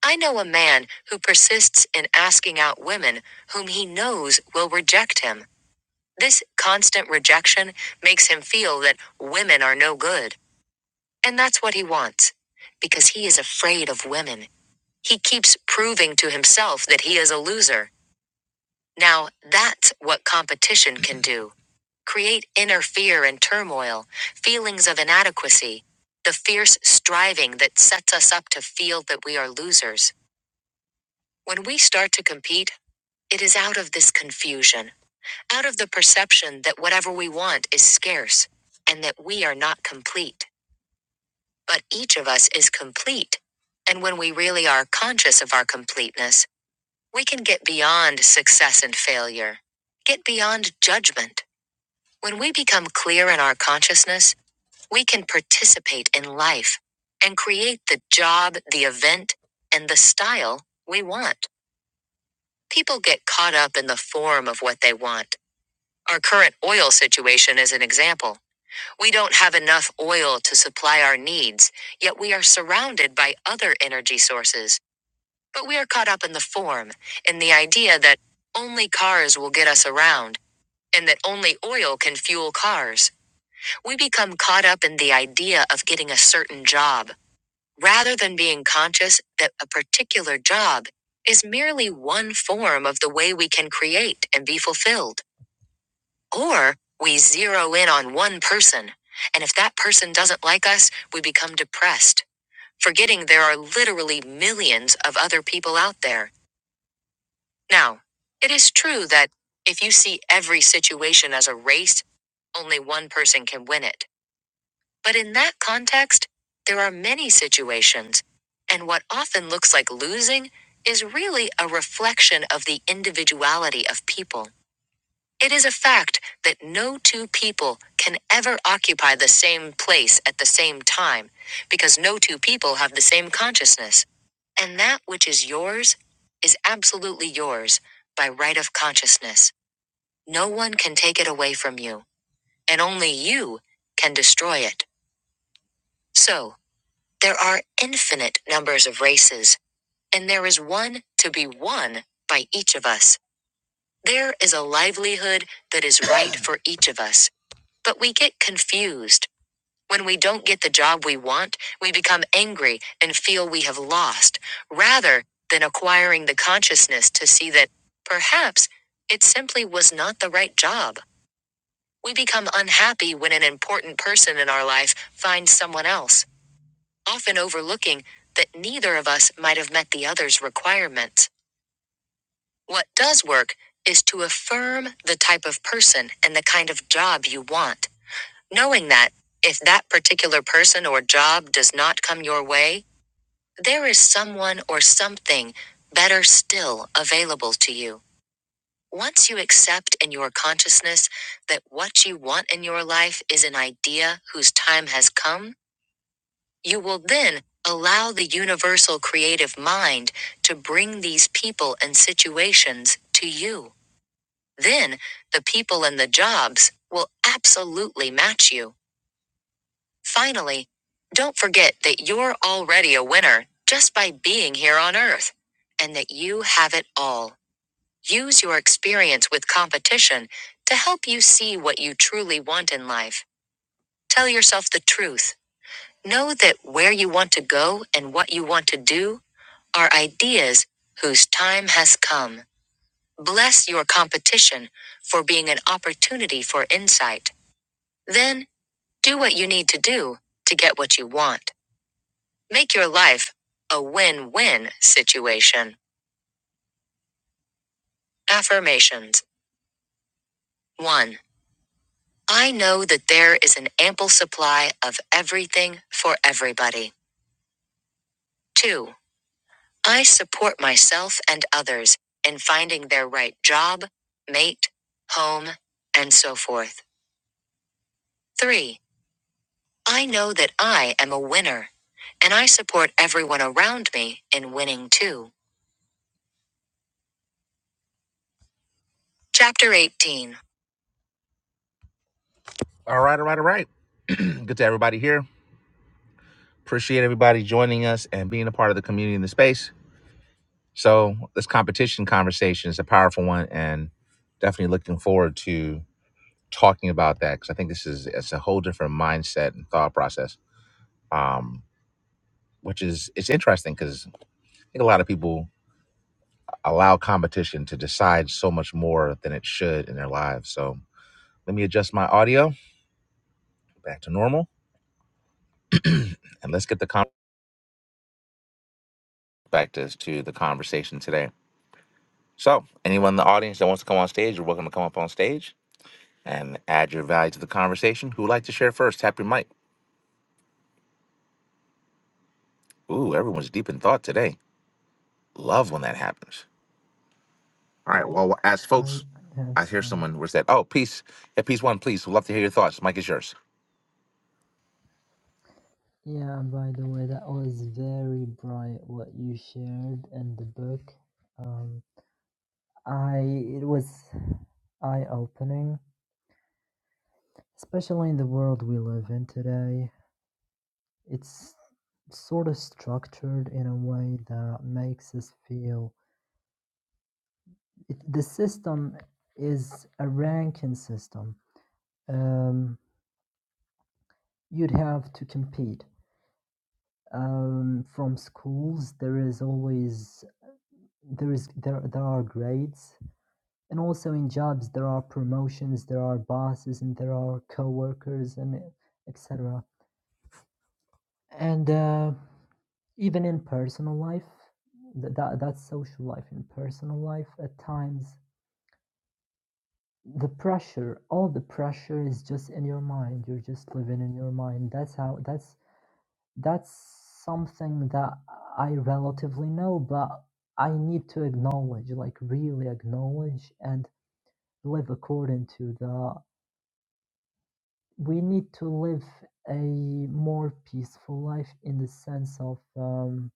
[SPEAKER 1] I know a man who persists in asking out women whom he knows will reject him. This constant rejection makes him feel that women are no good. And that's what he wants. Because he is afraid of women. He keeps proving to himself that he is a loser. Now, that's what competition can do create inner fear and turmoil, feelings of inadequacy, the fierce striving that sets us up to feel that we are losers. When we start to compete, it is out of this confusion, out of the perception that whatever we want is scarce and that we are not complete. but each of us is complete. And when we really are conscious of our completeness, we can get beyond success and failure, get beyond judgment. When we become clear in our consciousness, we can participate in life and create the job, the event, and the style we want. People get caught up in the form of what they want. Our current oil situation is an example. We don't have enough oil to supply our needs, yet we are surrounded by other energy sources. But we are caught up in the form, in the idea that only cars will get us around, and that only oil can fuel cars. We become caught up in the idea of getting a certain job, rather than being conscious that a particular job is merely one form of the way we can create and be fulfilled. Or we zero in on one person. And if that person doesn't like us, we become depressed, forgetting there are literally millions of other people out there. Now, it is true that if you see every situation as a race, only one person can win it. But in that context, there are many situations, and what often looks like losing is really a reflection of the individuality of people. It is a fact that no two people can ever occupy the same place at the same time, because no two people have the same consciousness. And that which is yours is absolutely yours by right of consciousness. No one can take it away from you, and only you can destroy it. So, there are infinite numbers of races, and there is one to be won by each of us. There is a livelihood that is right for each of us But we get confused. When we don't get the job we want, we become angry and feel we have lost, rather than acquiring the consciousness to see that perhaps it simply was not the right job. We become unhappy when an important person in our life finds someone else, often overlooking that neither of us might have met the other's requirements. What does work is to affirm the type of person and the kind of job you want knowing that if that particular person or job does not come your way, there is someone or something better still available to you. Once you accept in your consciousness that what you want in your life is an idea whose time has come, you will then allow the universal creative mind to bring these people and situations to you. Then the people and the jobs will absolutely match you. Finally, don't forget that you're already a winner just by being here on Earth, and that you have it all. Use your experience with competition to help you see what you truly want in life. Tell yourself the truth. Know that where you want to go and what you want to do are ideas whose time has come. Bless your competition for being an opportunity for insight. Then do what you need to do to get what you want. Make your life a win win situation. Affirmations 1. I know that there is an ample supply of everything for everybody. 2. I support myself and others in finding their right job, mate, home, and so forth. 3. I know that I am a winner, and I support everyone around me in winning too. Chapter 18. All right, all right, all right. Good to everybody here. Appreciate everybody joining us and being a part of the community in the space. So this competition conversation is a powerful one, and definitely looking forward to talking about that because I think this is it's a whole different mindset and thought process, um, which is it's interesting because I think a lot of people allow competition to decide so much more than it should in their lives. So let me adjust my audio back to normal, and let's get the con- back to, to the conversation today. So, anyone in the audience that wants to come on stage, you're welcome to come up on stage and add your value to the conversation. Who would like to share first? Tap your mic. Ooh, everyone's deep in thought today. Love when that happens. All right. Well, as
[SPEAKER 6] I
[SPEAKER 1] folks,
[SPEAKER 6] I have
[SPEAKER 1] I hear
[SPEAKER 6] some.
[SPEAKER 1] someone was that. Oh, peace. Yeah, peace one, please. We'd love to hear your thoughts. Mike is yours.
[SPEAKER 6] Yeah, by the way, that was very bright what you shared in the book. Um, I it was eye-opening, especially in the world we live in today. It's sort of structured in a way that makes us feel it, the system is a ranking system. Um, you'd have to compete um, from schools. There is always there is there there are grades, and also in jobs there are promotions, there are bosses, and there are coworkers, and etc. And uh, even in personal life, th- that that's social life. In personal life, at times The pressure, all the pressure is just in your mind. You're just living in your mind. That's how that's that's something that I relatively know, but I need to acknowledge, like really acknowledge and live according to the we need to live a more peaceful life in the sense of um,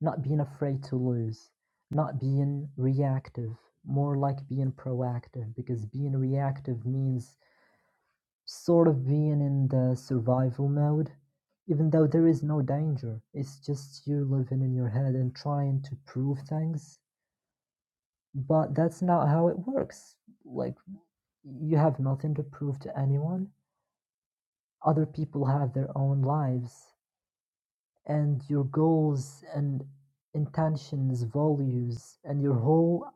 [SPEAKER 6] not being afraid to lose, not being reactive, more like being proactive because being reactive means sort of being in the survival mode, even though there is no danger. It's just you living in your head and trying to prove things. But that's not how it works. Like, you have nothing to prove to anyone. Other people have their own lives, and your goals and intentions, values, and your whole,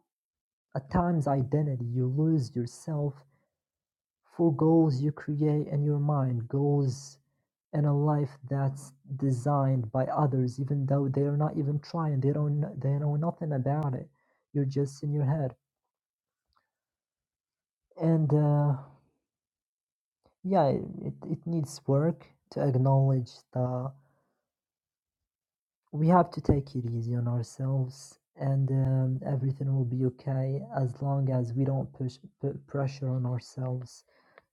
[SPEAKER 6] at times, identity. You lose yourself for goals you create in your mind, goals and a life that's designed by others even though they're not even trying they don't kn- they know nothing about it you're just in your head and uh, yeah it, it needs work to acknowledge that we have to take it easy on ourselves and um, everything will be okay as long as we don't push put pressure on ourselves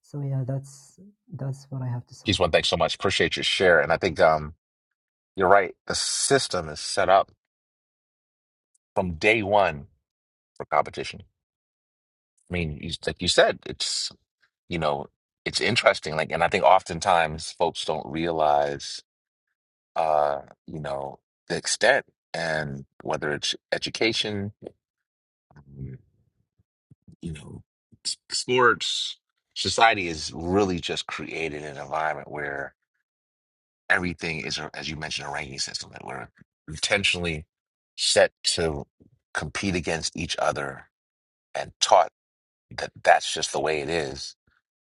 [SPEAKER 6] so yeah that's that's what i have to say
[SPEAKER 1] Peace one, thanks so much. Appreciate your share. And I think um, you're right. The system is set up from day one for competition. I mean, you, like you said, it's you know, it's interesting. Like, and I think oftentimes folks don't realize. uh, you know, the extent and whether it's education, um, you know, s- sports, society is really just created an environment where everything is, a- as you mentioned, a ranking system that we're intentionally set to compete against each other and taught that that's just the way it is.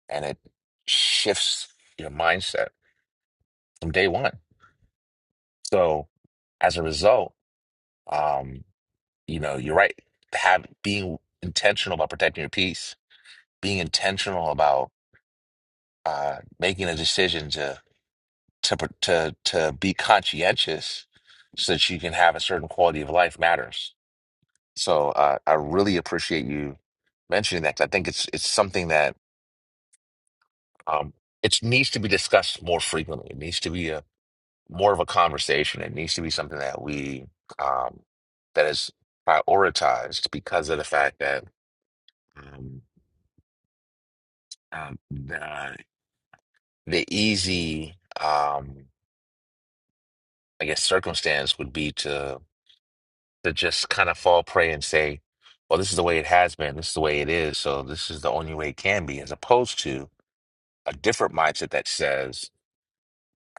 [SPEAKER 1] And it shifts your mindset from day one. So as a result, um. You know, you're right. Have being intentional about protecting your peace, being intentional about uh, making a decision to to pr- to to be conscientious, so that you can have a certain quality of life matters. So uh, I really appreciate you mentioning that. 'cause I think it's it's something that um, it needs to be discussed more frequently. It needs to be a more of a conversation. It needs to be something that we um, that is prioritized because of the fact that. Um, Um, the, the easy, um, I guess, circumstance would be to to just kind of fall prey and say, "Well, this is the way it has been. This is the way it is. So this is the only way it can be," as opposed to a different mindset that says,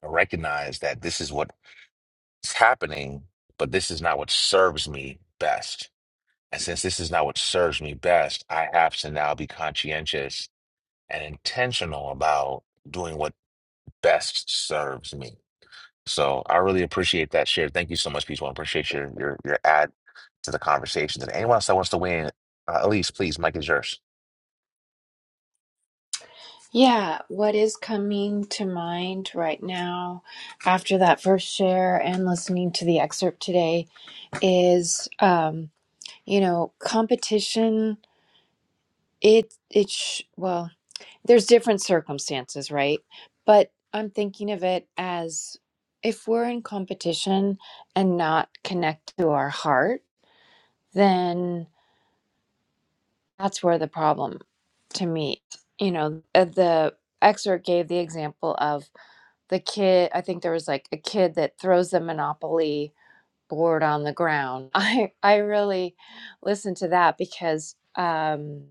[SPEAKER 1] "I recognize that this is what's happening, but this is not what serves me best. And since this is not what serves me best, I have to now be conscientious and intentional about doing what best serves me." So I really appreciate that share. Thank you so much, Peach. I appreciate your your your add to the conversation. And anyone else that wants to win, uh, Elise, please, Mike is yours.
[SPEAKER 7] Yeah, what is coming to mind right now after that first share and listening to the excerpt today is, um, you know, competition. It, it, sh- well, there's different circumstances, right? But I'm thinking of it as if we're in competition and not connect to our heart, then That's where the problem to me, you know, uh, the excerpt gave the example of the kid, I think there was like a kid that throws the Monopoly board on the ground. I I really listened to that because um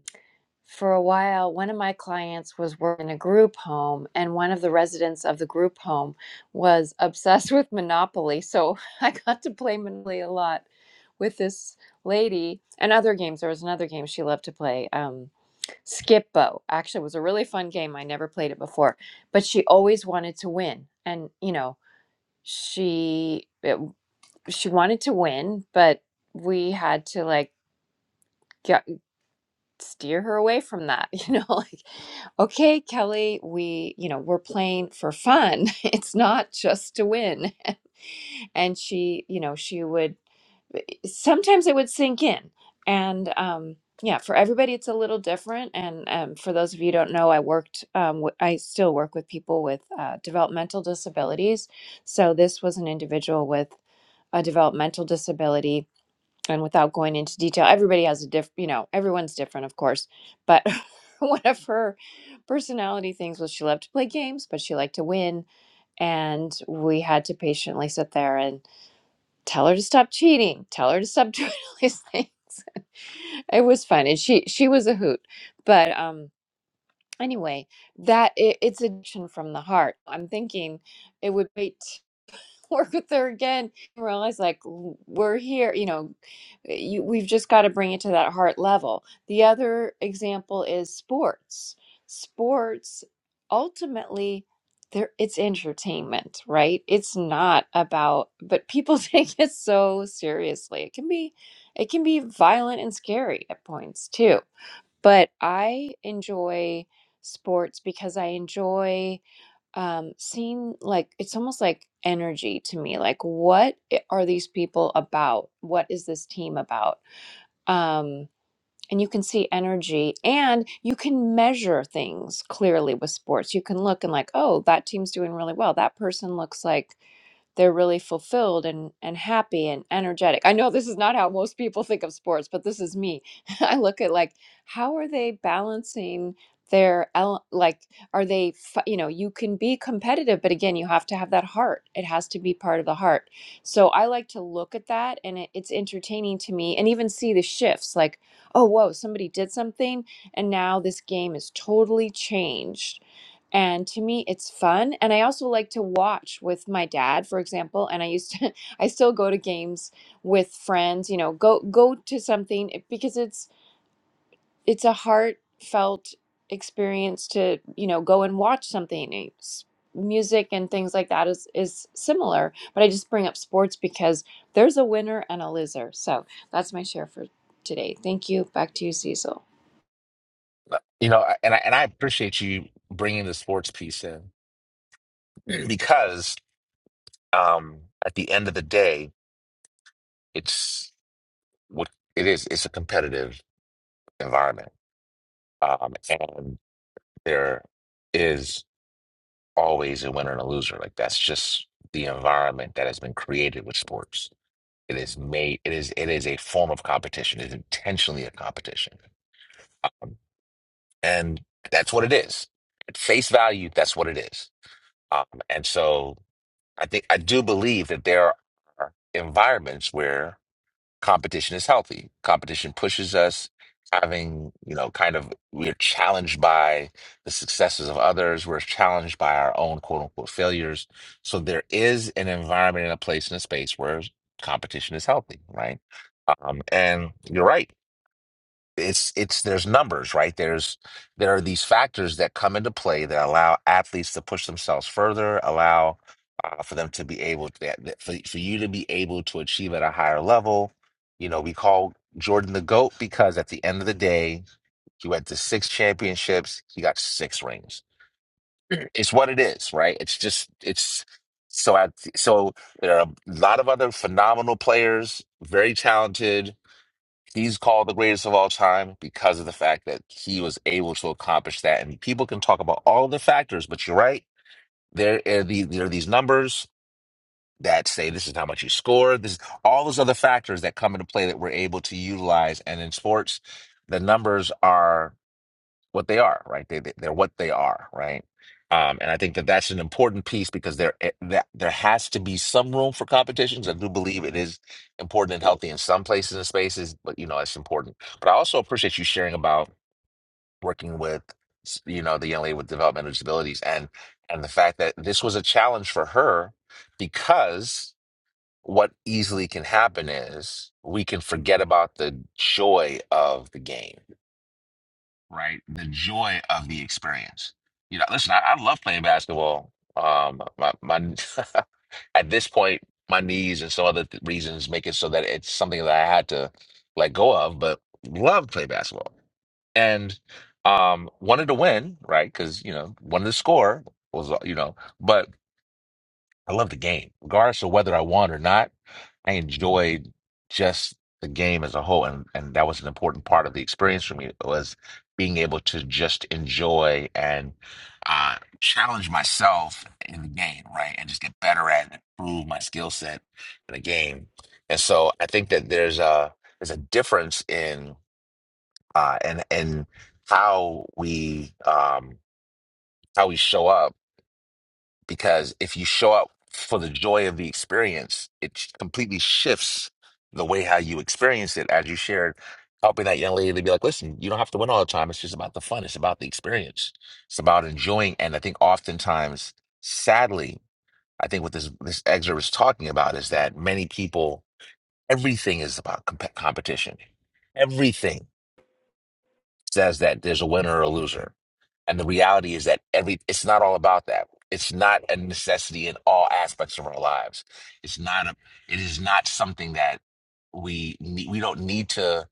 [SPEAKER 7] for a while, one of my clients was working in a group home, and one of the residents of the group home was obsessed with Monopoly. So I got to play Monopoly a lot with this lady and other games. There was another game she loved to play. Um, Skippo actually was a really fun game. I never played it before, but she always wanted to win, and you know she it, she wanted to win, but we had to like get, steer her away from that. You know, like okay, Kelly, we, you know, we're playing for fun. It's not just to win. and she, you know, she would sometimes it would sink in. And um yeah, for everybody it's a little different. And um, for those of you who don't know, I worked, um, w- I still work with people with uh, developmental disabilities. So this was an individual with a developmental disability and without going into detail, everybody has a diff, you know, everyone's different, of course. But one of her personality things was she loved to play games, but she liked to win. And we had to patiently sit there and tell her to stop cheating, tell her to stop doing all these things. It was fun, and she she was a hoot. But um, anyway, that it, it's addiction from the heart. I'm thinking it would wait work with her again. And realize like we're here, you know, you, we've just got to bring it to that heart level. The other example is sports. Sports ultimately there it's entertainment, right? It's not about but people take it so seriously. It can be it can be violent and scary at points too. But I enjoy sports because I enjoy um seem like it's almost like energy to me like what i- are these people about what is this team about um and you can see energy and you can measure things clearly with sports you can look and like oh that team's doing really well that person looks like they're really fulfilled and and happy and energetic. I know this is not how most people think of sports, but this is me. I look at like how are they balancing their ele- like are they fi- you know you can be competitive but again you have to have that heart it has to be part of the heart so i like to look at that and it, it's entertaining to me and even see the shifts like oh whoa somebody did something and now this game is totally changed and to me it's fun and i also like to watch with my dad for example and i used to i still go to games with friends you know go go to something it- because it's it's a heartfelt experience to you know go and watch something It's- music and things like that is is similar but i just bring up sports because there's a winner and a loser so that's my share for today thank you back to you cecil
[SPEAKER 1] Uh, You know, and I, and I appreciate you bringing the sports piece in because um, at the end of the day, it's what it is. It's a competitive environment, um, and there is always a winner and a loser. Like that's just the environment that has been created with sports It is made, it is, it is a form of competition. It is intentionally a competition. And that's what it is. At face value, that's what it is. Um, and so I think I do believe that there are environments where competition is healthy. Competition pushes us having, you know, kind of we're challenged by the successes of others. We're challenged by our own quote unquote failures. So there is an environment and a place and a space where competition is healthy, right? Um, and you're right it's it's there's numbers right there's there are these factors that come into play that allow athletes to push themselves further allow uh, for them to be able to that- that- for, for you to be able to achieve at a higher level you know we call jordan the goat because at the end of the day he went to six championships he got six rings it's what it is right it's just it's so I, so there are a lot of other phenomenal players very talented He's called the greatest of all time because of the fact that he was able to accomplish that. And people can talk about all the factors, but you're right. There are, the, there are these numbers that say this is how much you scored. This is all those other factors that come into play that we're able to utilize. And in sports, the numbers are what they are, right? They, they they're what they are, right? Um, and I think that that's an important piece because there eh, that there has to be some room for competitions. I do believe it is important and healthy in some places and spaces, but you know it's important. But I also appreciate you sharing about working with s- you know the young lady with developmental disabilities and and the fact that this was a challenge for her because what easily can happen is we can forget about the joy of the game right? The joy of the experience. You know, listen, I, I love playing basketball. Um, my my at this point, my knees and some other th- reasons make it so that it's something that I had to let go of, but love play basketball and um wanted to win, right? Because you know, wanted to score was uh, you know, but I love the game, regardless of whether I won or not. I enjoyed just the game as a whole, and and that was an important part of the experience for me was being able to just enjoy and uh, challenge myself in the game, right, and just get better at and improve my skill set in the game. And so I think that there's a there's a difference in uh, and and how we um, how we show up because if you show up for the joy of the experience, it sh- completely shifts the way how you experience it. As you shared, helping that young lady to be like, listen, you don't have to win all the time. It's just about the fun. It's about the experience. It's about enjoying. And I think oftentimes, sadly, I think what this this excerpt is talking about is that many people, everything is about comp- competition. Everything says that there's a winner or a loser and the reality is that every it's not all about that. It's not a necessity in all aspects of our lives. It's not a it is not something that we ne- we don't need to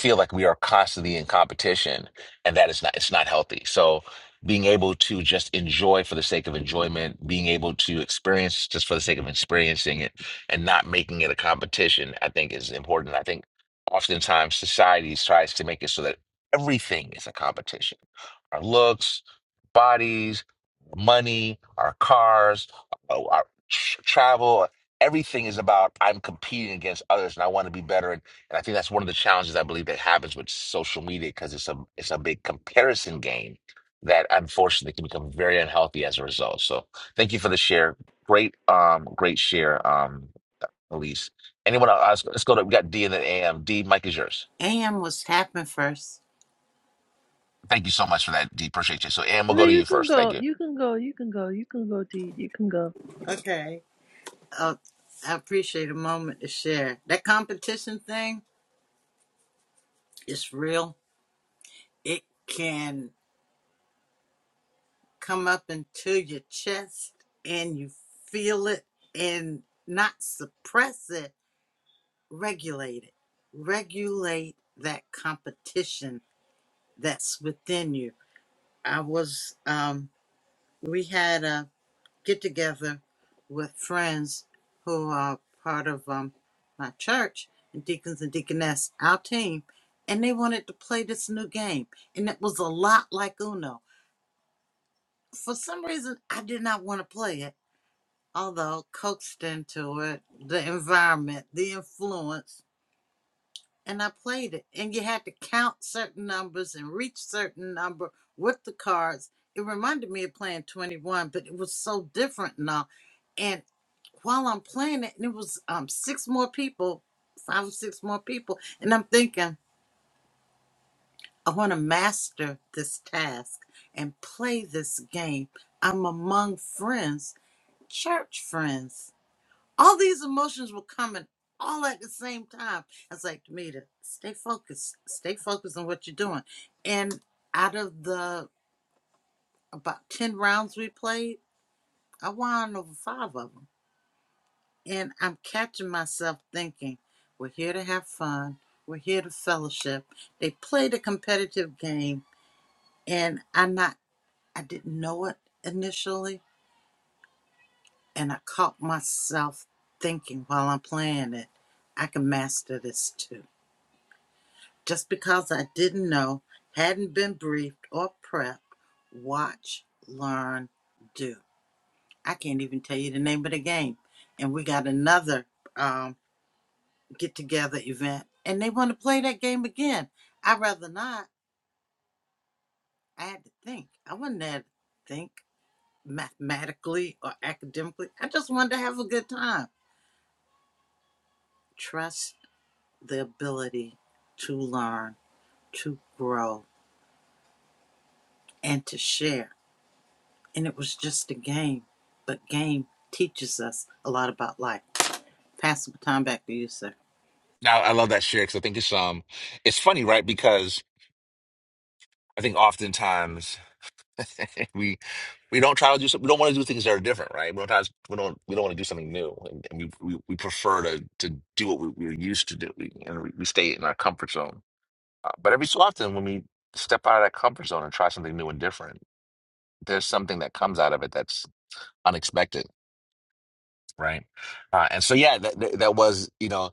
[SPEAKER 1] feel like we are constantly in competition and that is not it's not healthy. So being able to just enjoy for the sake of enjoyment, being able to experience just for the sake of experiencing it and not making it a competition, I think is important. I think oftentimes society tries to make it so that everything is a competition our looks, bodies, money, our cars, our our tr- travel. Everything is about I'm competing against others, and I want to be better. And, and I think that's one of the challenges I believe that happens with social media because it's a it's a big comparison game that unfortunately can become very unhealthy as a result. So thank you for the share. Great, um, great share, um, Elise. Anyone else? Let's go to we got D and then AM. Mike is yours.
[SPEAKER 2] AM was tapping first.
[SPEAKER 1] Thank you so much for that, D. Appreciate you. So, AM, we'll
[SPEAKER 4] No,
[SPEAKER 1] go to
[SPEAKER 4] you
[SPEAKER 1] you
[SPEAKER 4] can
[SPEAKER 1] first. Thank
[SPEAKER 4] go.
[SPEAKER 1] you.
[SPEAKER 4] You can go. You can go. You can go, D. You can go.
[SPEAKER 2] Okay. Uh, I appreciate a moment to share. That competition thing is real. It can come up into your chest and you feel it and not suppress it, regulate it. Regulate that competition that's within you. I was, um, we had a get together with friends who are part of um, my church and deacons and deaconess, our team, and they wanted to play this new game. And it was a lot like Uno. For some reason, I did not want to play it, although coaxed into it, the environment, the influence and I played it. And you had to count certain numbers and reach certain number with the cards. It reminded me of playing 21, but it was so different now. And while I'm playing it, and it was um six more people, five or six more people, and I'm thinking, I want to master this task and play this game. I'm among friends, church friends all these emotions were coming all at the same time. I was like, Demita, stay focused. Stay focused on what you're doing. And out of the about 10 rounds we played, I won over five of them. And I'm catching myself thinking, we're here to have fun. We're here to fellowship. They played a competitive game and I not I didn't know it initially. And I caught myself thinking while I'm playing it, I can master this too Just because I didn't know, hadn't been briefed or prepped, watch, learn, do. I can't even tell you the name of the game. And we got another um, get together event, and they want to play that game again. I'd rather not. I had to think. I wasn't there to think mathematically or academically. I just wanted to have a good time. Trust the ability to learn, to grow, and to share and it was just a game. But game teaches us a lot about life. Pass the time back to you, sir.
[SPEAKER 1] Now I love that share because I think it's um it's funny, right? Because I think oftentimes we we don't try to do some, we don't want to do things that are different, right? We don't try, we don't we don't want to do something new, and, and we, we we prefer to to do what we, we're used to do, we, and we we stay in our comfort zone. Uh, but every so often, when we step out of that comfort zone and try something new and different, there's something that comes out of it that's unexpected, right? Uh, and so yeah, that that that was you know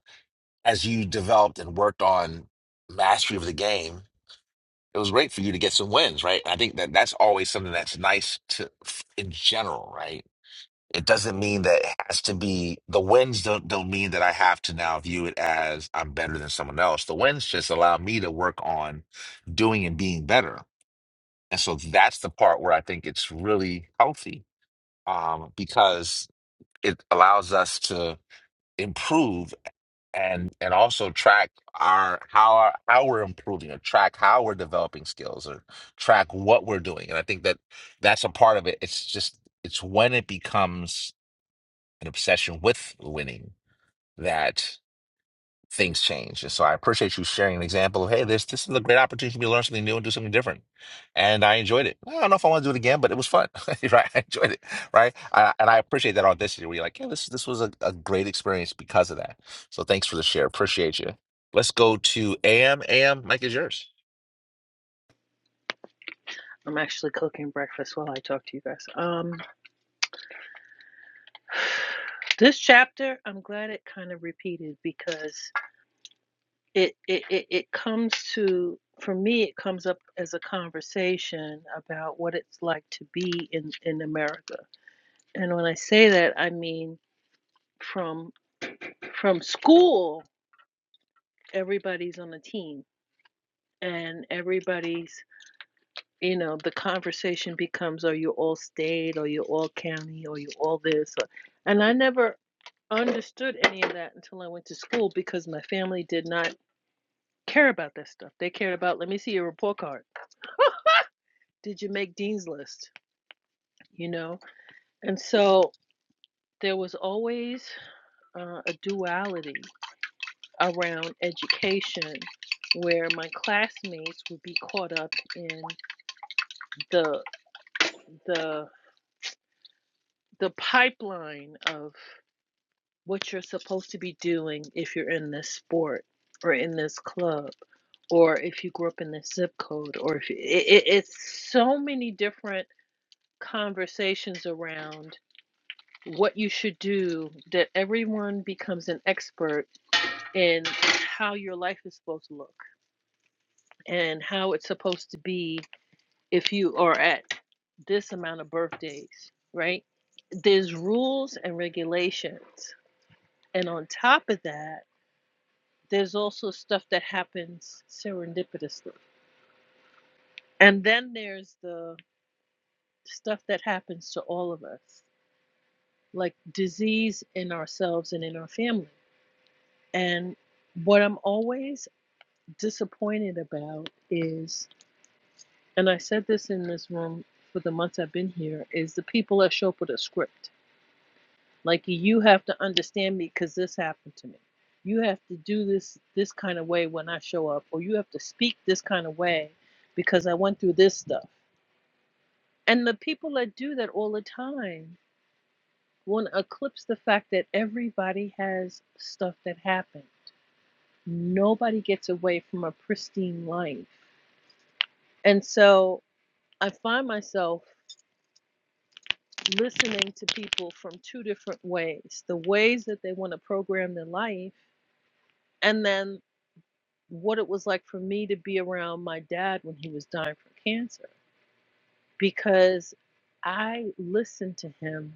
[SPEAKER 1] as you developed and worked on mastery of the game it was great for you to get some wins, right? I think that that's always something that's nice to in general, right? It doesn't mean that it has to be the wins don't don't mean that I have to now view it as I'm better than someone else. The wins just allow me to work on doing and being better. And so that's the part where I think it's really healthy um, because it allows us to improve and and also track our how our, how we're improving or track how we're developing skills or track what we're doing and i think that that's a part of it it's just it's when it becomes an obsession with winning that things change. And so I appreciate you sharing an example of, hey, this this is a great opportunity for me to learn something new and do something different. And I enjoyed it. I don't know if I want to do it again, but it was fun. right. I enjoyed it. Right. I, and I appreciate that audacity where you're like, yeah, this this was a, a great experience because of that. So thanks for the share. Appreciate you. Let's go to AM. AM, Mike is yours.
[SPEAKER 4] I'm actually cooking breakfast while I talk to you guys. Um, this chapter, I'm glad it kind of repeated because it it it, it comes to for me it comes up as a conversation about what it's like to be in in America. And when I say that, I mean from from school everybody's on a team and everybody's you know the conversation becomes are you all state or you all county or you all this or, and I never understood any of that until I went to school because my family did not care about that stuff. They cared about let me see your report card. did you make Dean's List? You know? And so there was always uh, a duality around education where my classmates would be caught up in the the the pipeline of what you're supposed to be doing if you're in this sport or in this club or if you grew up in this zip code or if you, it, it, it's so many different conversations around what you should do that everyone becomes an expert in how your life is supposed to look and how it's supposed to be if you are at this amount of birthdays, right? There's rules and regulations. And on top of that, there's also stuff that happens serendipitously. And then there's the stuff that happens to all of us, like disease in ourselves and in our family. And what I'm always disappointed about is, and I said this in this room for the months I've been here, is the people that show up with a script. Like you have to understand me because this happened to me. You have to do this this kind of way when I show up, or you have to speak this kind of way because I went through this stuff. And the people that do that all the time want to eclipse the fact that everybody has stuff that happened. Nobody gets away from a pristine life. And so I find myself listening to people from two different ways the ways that they want to program their life, and then what it was like for me to be around my dad when he was dying from cancer because I listened to him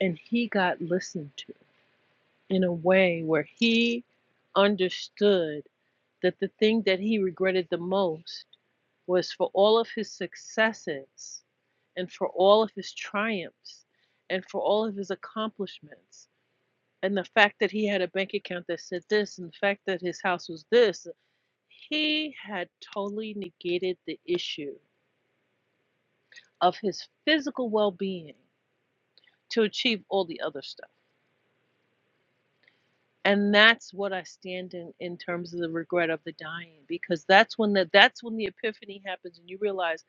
[SPEAKER 4] and he got listened to in a way where he understood that the thing that he regretted the most was for all of his successes and for all of his triumphs and for all of his accomplishments and the fact that he had a bank account that said this and the fact that his house was this he had totally negated the issue of his physical well-being to achieve all the other stuff and that's what i stand in in terms of the regret of the dying because that's when the, that's when the epiphany happens and you realize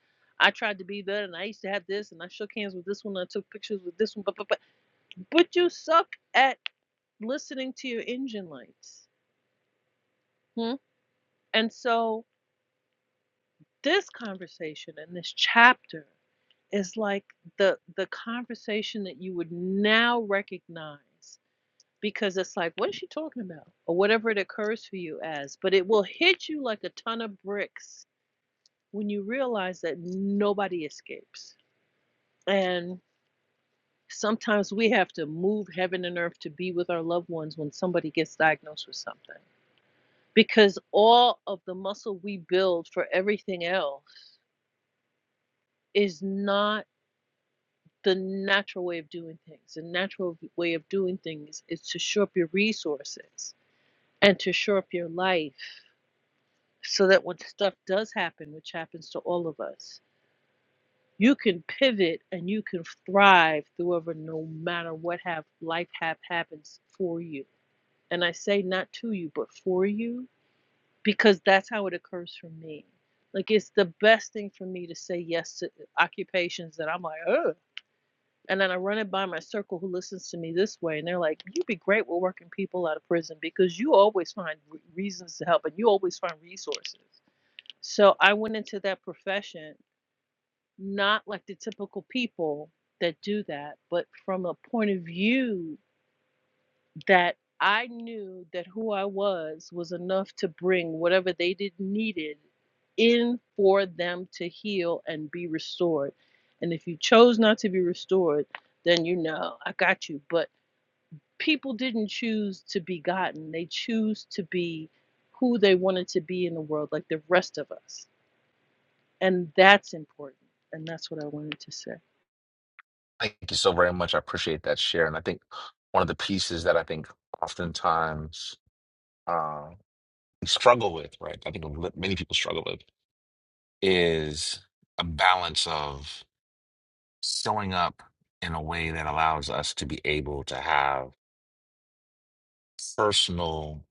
[SPEAKER 4] I tried to be that, and I used to have this, and I shook hands with this one, and I took pictures with this one, but but but, but you suck at listening to your engine lights. Hmm? And so This conversation and this chapter is like the the conversation that you would now recognize because it's like what is she talking about or whatever it occurs for you as but it will hit you like a ton of bricks when you realize that nobody escapes and sometimes we have to move heaven and earth to be with our loved ones when somebody gets diagnosed with something because all of the muscle we build for everything else is not the natural way of doing things. The natural way of doing things is to shore up your resources and to shore up your life so that when stuff does happen, which happens to all of us, you can pivot and you can thrive through ever no matter what have life have happens for you. And I say not to you, but for you, because that's how it occurs for me. Like it's the best thing for me to say yes to uh, occupations that I'm like, oh. And then I run it by my circle who listens to me this way, and they're like, You'd be great with working people out of prison because you always find re- reasons to help and you always find resources. So I went into that profession, not like the typical people that do that, but from a point of view that I knew that who I was was enough to bring whatever they did needed in for them to heal and be restored. And if you chose not to be restored, then you know I got you. But people didn't choose to be gotten; they choose to be who they wanted to be in the world, like the rest of us. And that's important. And that's what I wanted to say.
[SPEAKER 1] Thank you so very much. I appreciate that share. And I think one of the pieces that I think oftentimes uh, we struggle with, right? I think many people struggle with is a balance of showing up in a way that allows us to be able to have personal,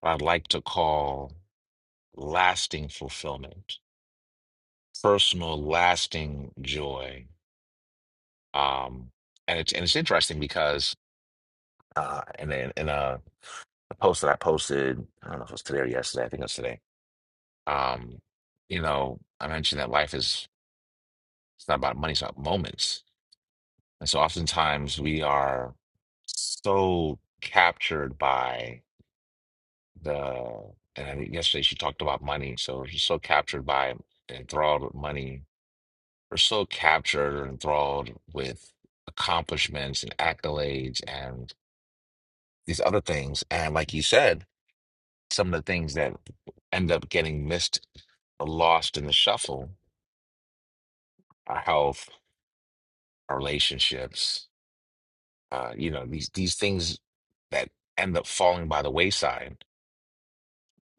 [SPEAKER 1] what I'd like to call lasting fulfillment, personal, lasting joy. Um, and it's and it's interesting because uh, and in, in a post that I posted, I don't know if it was today or yesterday. I think it was today. Um, you know, I mentioned that life is it's not about money; it's about moments And so oftentimes we are so captured by the, and I mean, yesterday she talked about money. So we're just so captured by and enthralled with money. We're so captured or enthralled with accomplishments and accolades and these other things. And like you said, some of the things that end up getting missed or lost in the shuffle, our health, our relationships, uh, you know, these these things that end up falling by the wayside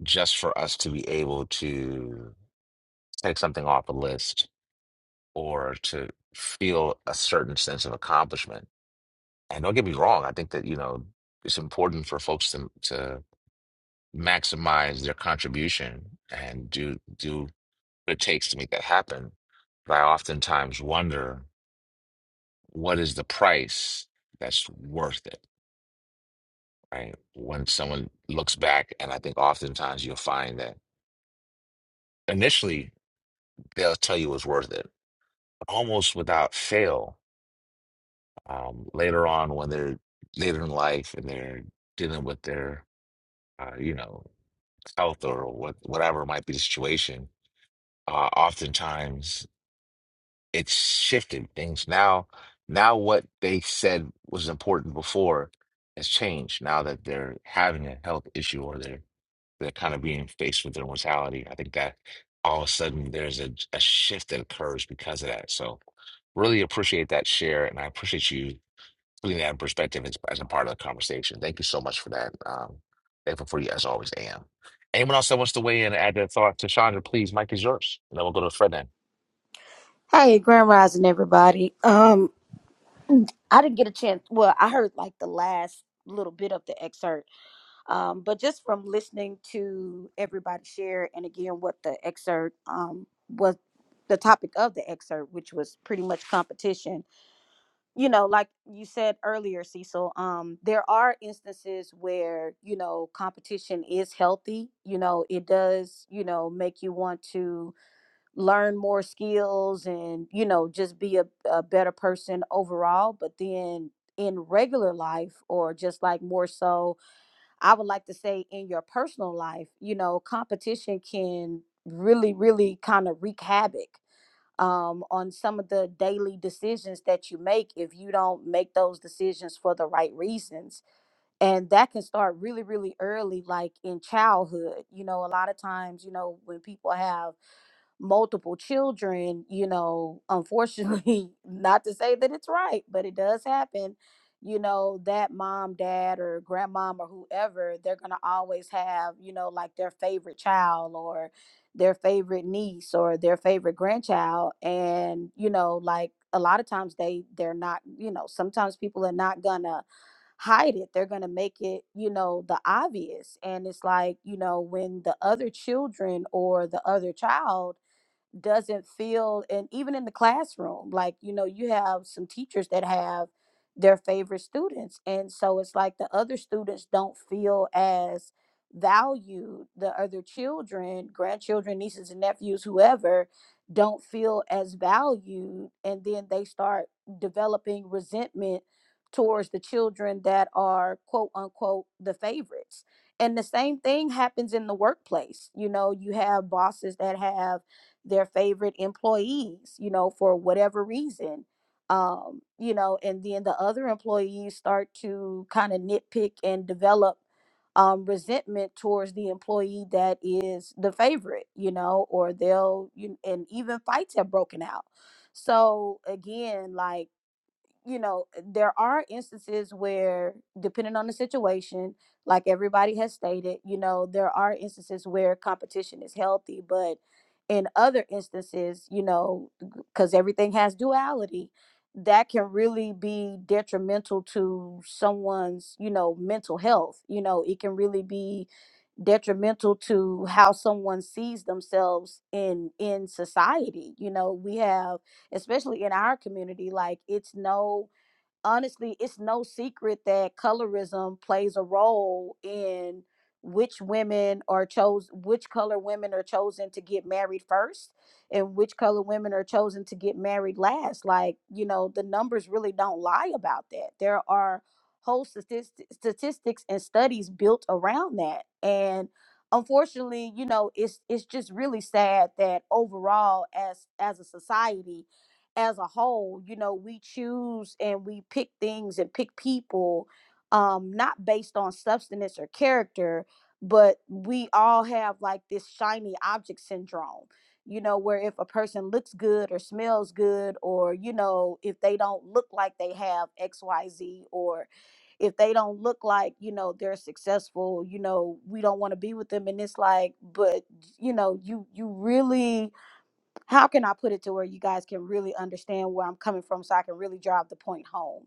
[SPEAKER 1] just for us to be able to take something off a list or to feel a certain sense of accomplishment. And don't get me wrong, I think that, you know, it's important for folks to to maximize their contribution and do do what it takes to make that happen. But I oftentimes wonder what is the price that's worth it, right? When someone looks back, and I think oftentimes you'll find that initially they'll tell you it's worth it almost without fail um, later on when they're later in life and they're dealing with their uh, you know health or what whatever might be the situation uh, oftentimes it's shifted things now now what they said was important before has changed now that they're having a health issue or they're they're kind of being faced with their mortality I think that all of a sudden there's a, a shift that occurs because of that so really appreciate that share and I appreciate you putting that in perspective as, as a part of the conversation. Thank you so much for that. Um, thankful for you as always, Am. Anyone else that wants to weigh in and add their thought to Chandra, please, Mike is yours. And then we'll go to Fred then.
[SPEAKER 8] Hey, Grand Rising, everybody. Um, I didn't get a chance. Well, I heard like the last little bit of the excerpt. Um, but just from listening to everybody share, and again, what the excerpt um was the topic of the excerpt, which was pretty much competition. You know, like you said earlier, Cecil. Um, there are instances where you know competition is healthy. You know, it does. You know, make you want to learn more skills and you know just be a, a better person overall but then in regular life or just like more so i would like to say in your personal life you know competition can really really kind of wreak havoc um, on some of the daily decisions that you make if you don't make those decisions for the right reasons and that can start really really early like in childhood you know a lot of times you know when people have multiple children, you know, unfortunately, not to say that it's right, but it does happen. You know, that mom, dad, or grandmom, or whoever, they're going to always have, you know, like their favorite child or their favorite niece or their favorite grandchild. And, you know, like a lot of times they, they're not, you know, sometimes people are not going to hide it. They're going to make it, you know, the obvious. And it's like, you know, when the other children or the other child doesn't feel and even in the classroom like you know you have some teachers that have their favorite students and so it's like the other students don't feel as valued the other children grandchildren nieces and nephews whoever don't feel as valued and then they start developing resentment towards the children that are quote unquote the favorites and the same thing happens in the workplace you know you have bosses that have their favorite employees, you know, for whatever reason. Um, you know, and then the other employees start to kind of nitpick and develop um, resentment towards the employee that is the favorite, you know, or they'll, you, and even fights have broken out. So again, like, you know, there are instances where, depending on the situation, like everybody has stated, you know, there are instances where competition is healthy, but in other instances, you know, because everything has duality, that can really be detrimental to someone's, you know, mental health. You know, it can really be detrimental to how someone sees themselves in in society. You know, we have especially in our community like it's no honestly it's no secret that colorism plays a role in which women are chose which color women are chosen to get married first and which color women are chosen to get married last like you know the numbers really don't lie about that there are whole statistics statistics and studies built around that and unfortunately you know it's it's just really sad that overall as as a society as a whole, you know, we choose and we pick things and pick people um not based on substance or character, but we all have like this shiny object syndrome. You know, where if a person looks good or smells good or you know, if they don't look like they have XYZ or if they don't look like, you know, they're successful, you know, we don't want to be with them and it's like, but you know, you you really how can I put it to where you guys can really understand where I'm coming from so I can really drive the point home?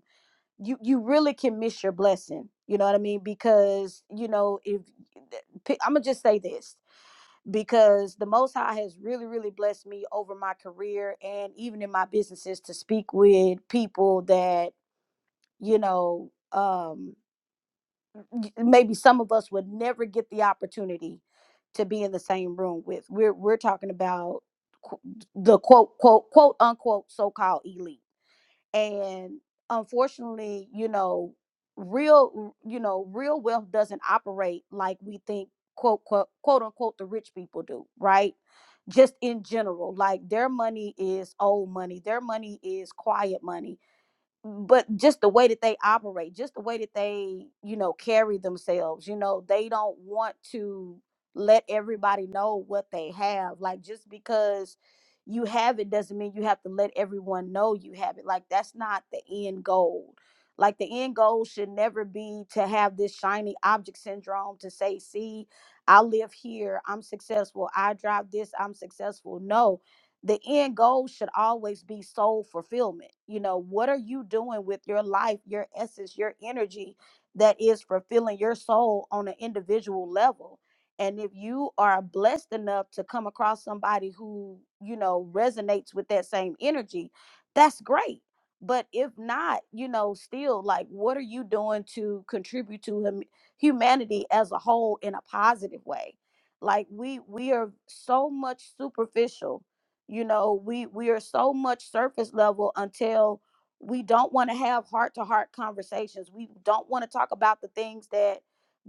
[SPEAKER 8] You you really can miss your blessing. You know what I mean? Because, you know, if I'm going to just say this because the most high has really really blessed me over my career and even in my businesses to speak with people that, you know, um y- maybe some of us would never get the opportunity to be in the same room with. We're we're talking about qu- the quote quote quote unquote so called elite, and unfortunately, you know, real you know real wealth doesn't operate like we think quote quote quote unquote the rich people do, right? Just in general, like their money is old money, their money is quiet money but just the way that they operate, just the way that they, you know, carry themselves, you know, they don't want to let everybody know what they have. Like just because you have it doesn't mean you have to let everyone know you have it. Like that's not the end goal. Like the end goal should never be to have this shiny object syndrome to say, see, I live here, I'm successful, I drive this, I'm successful. No, the end goal should always be soul fulfillment. You know, what are you doing with your life, your essence, your energy that is fulfilling your soul on an individual level? And if you are blessed enough to come across somebody who, you know, resonates with that same energy, that's great. But if not, you know, still like, what are you doing to contribute to hum- humanity as a whole in a positive way? Like we we are so much superficial you know we we are so much surface level until we don't want to have heart to heart conversations we don't want to talk about the things that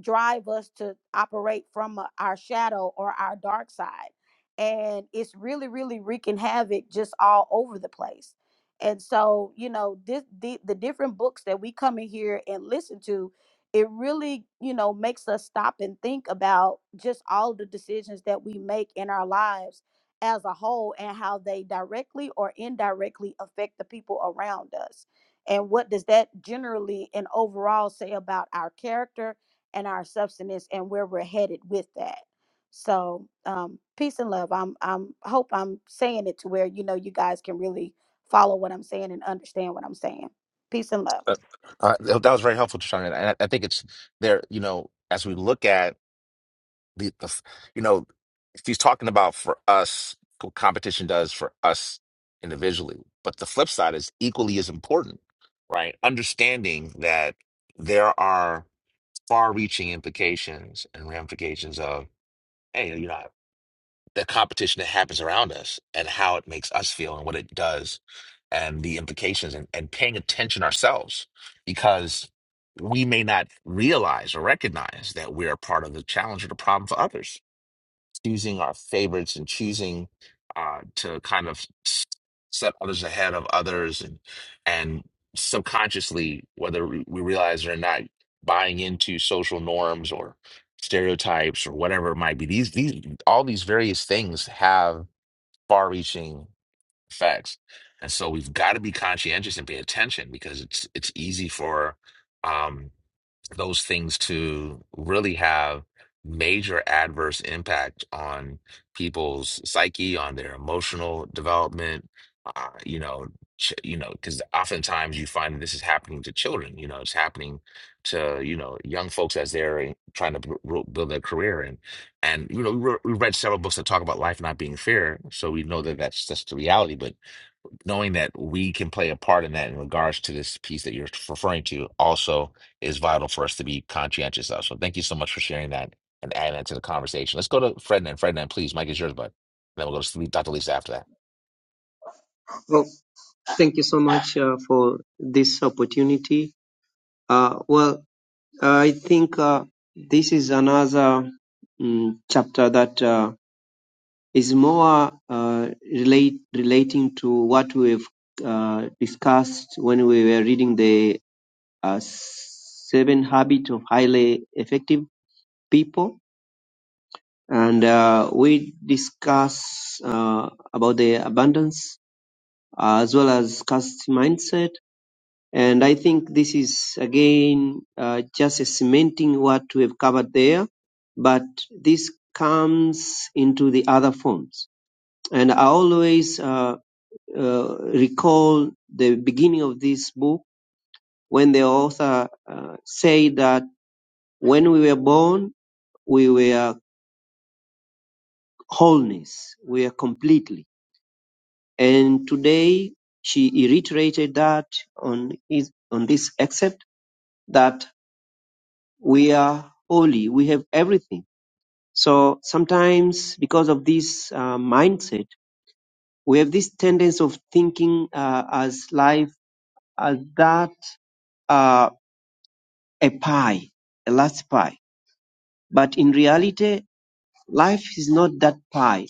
[SPEAKER 8] drive us to operate from uh, our shadow or our dark side and it's really really wreaking havoc just all over the place and so you know this the, the different books that we come in here and listen to it really you know makes us stop and think about just all the decisions that we make in our lives as a whole and how they directly or indirectly affect the people around us. And what does that generally and overall say about our character and our substance and where we're headed with that? So, um, peace and love. I'm, I'm hope I'm saying it to where you know you guys can really follow what I'm saying and understand what I'm saying. Peace and love.
[SPEAKER 1] Uh, uh, that was very helpful, Chandra. And I, I think it's there, you know, as we look at The, the f- you know, she's talking about for us what competition does for us individually, but the flip side is equally as important, right? Understanding that there are far-reaching implications and ramifications of hey, you know, the competition that happens around us and how it makes us feel and what it does and the implications and, and paying attention ourselves because we may not realize or recognize that we're a part of the challenge or the problem for others choosing our favorites and choosing uh, to kind of s- set others ahead of others and and subconsciously, whether we we realize it or not, buying into social norms or stereotypes or whatever it might be. These these all these various things have far-reaching effects. And so we've got to be conscientious and pay attention because it's it's easy for um those things to really have major adverse impact on people's psyche, on their emotional development. Uh, you know, ch you know, because oftentimes you find that this is happening to children. You know, it's happening to you know young folks as they're trying to b- b- build their career and and you know we, re we read several books that talk about life not being fair, so we know that that's that's the reality. But knowing that we can play a part in that in regards to this piece that you're referring to also is vital for us to be conscientious of. So thank you so much for sharing that and adding that to the conversation. Let's go to Frednan. Frednan, please, Mike is yours, bud. And then we'll go to Dr. Lisa after that.
[SPEAKER 9] Well, thank you so much uh, for this opportunity. Uh, well, I think uh, this is another mm chapter that uh, is more uh, relate relating to what we've uh, discussed when we were reading the uh, Seven Habits of Highly Effective People, and uh, we discuss uh, about the abundance uh, as well as scarcity mindset And I think this is again uh, just a cementing what we have covered there, but this comes into the other forms. And I always uh, uh, recall the beginning of this book when the author uh, said that when we were born, we were wholeness, we were completely. And today she reiterated that on, his, on this except that we are holy, we have everything So sometimes, because of this uh, mindset, we have this tendency of thinking uh, as life as that uh, a pie, a last pie. But in reality, life is not that pie.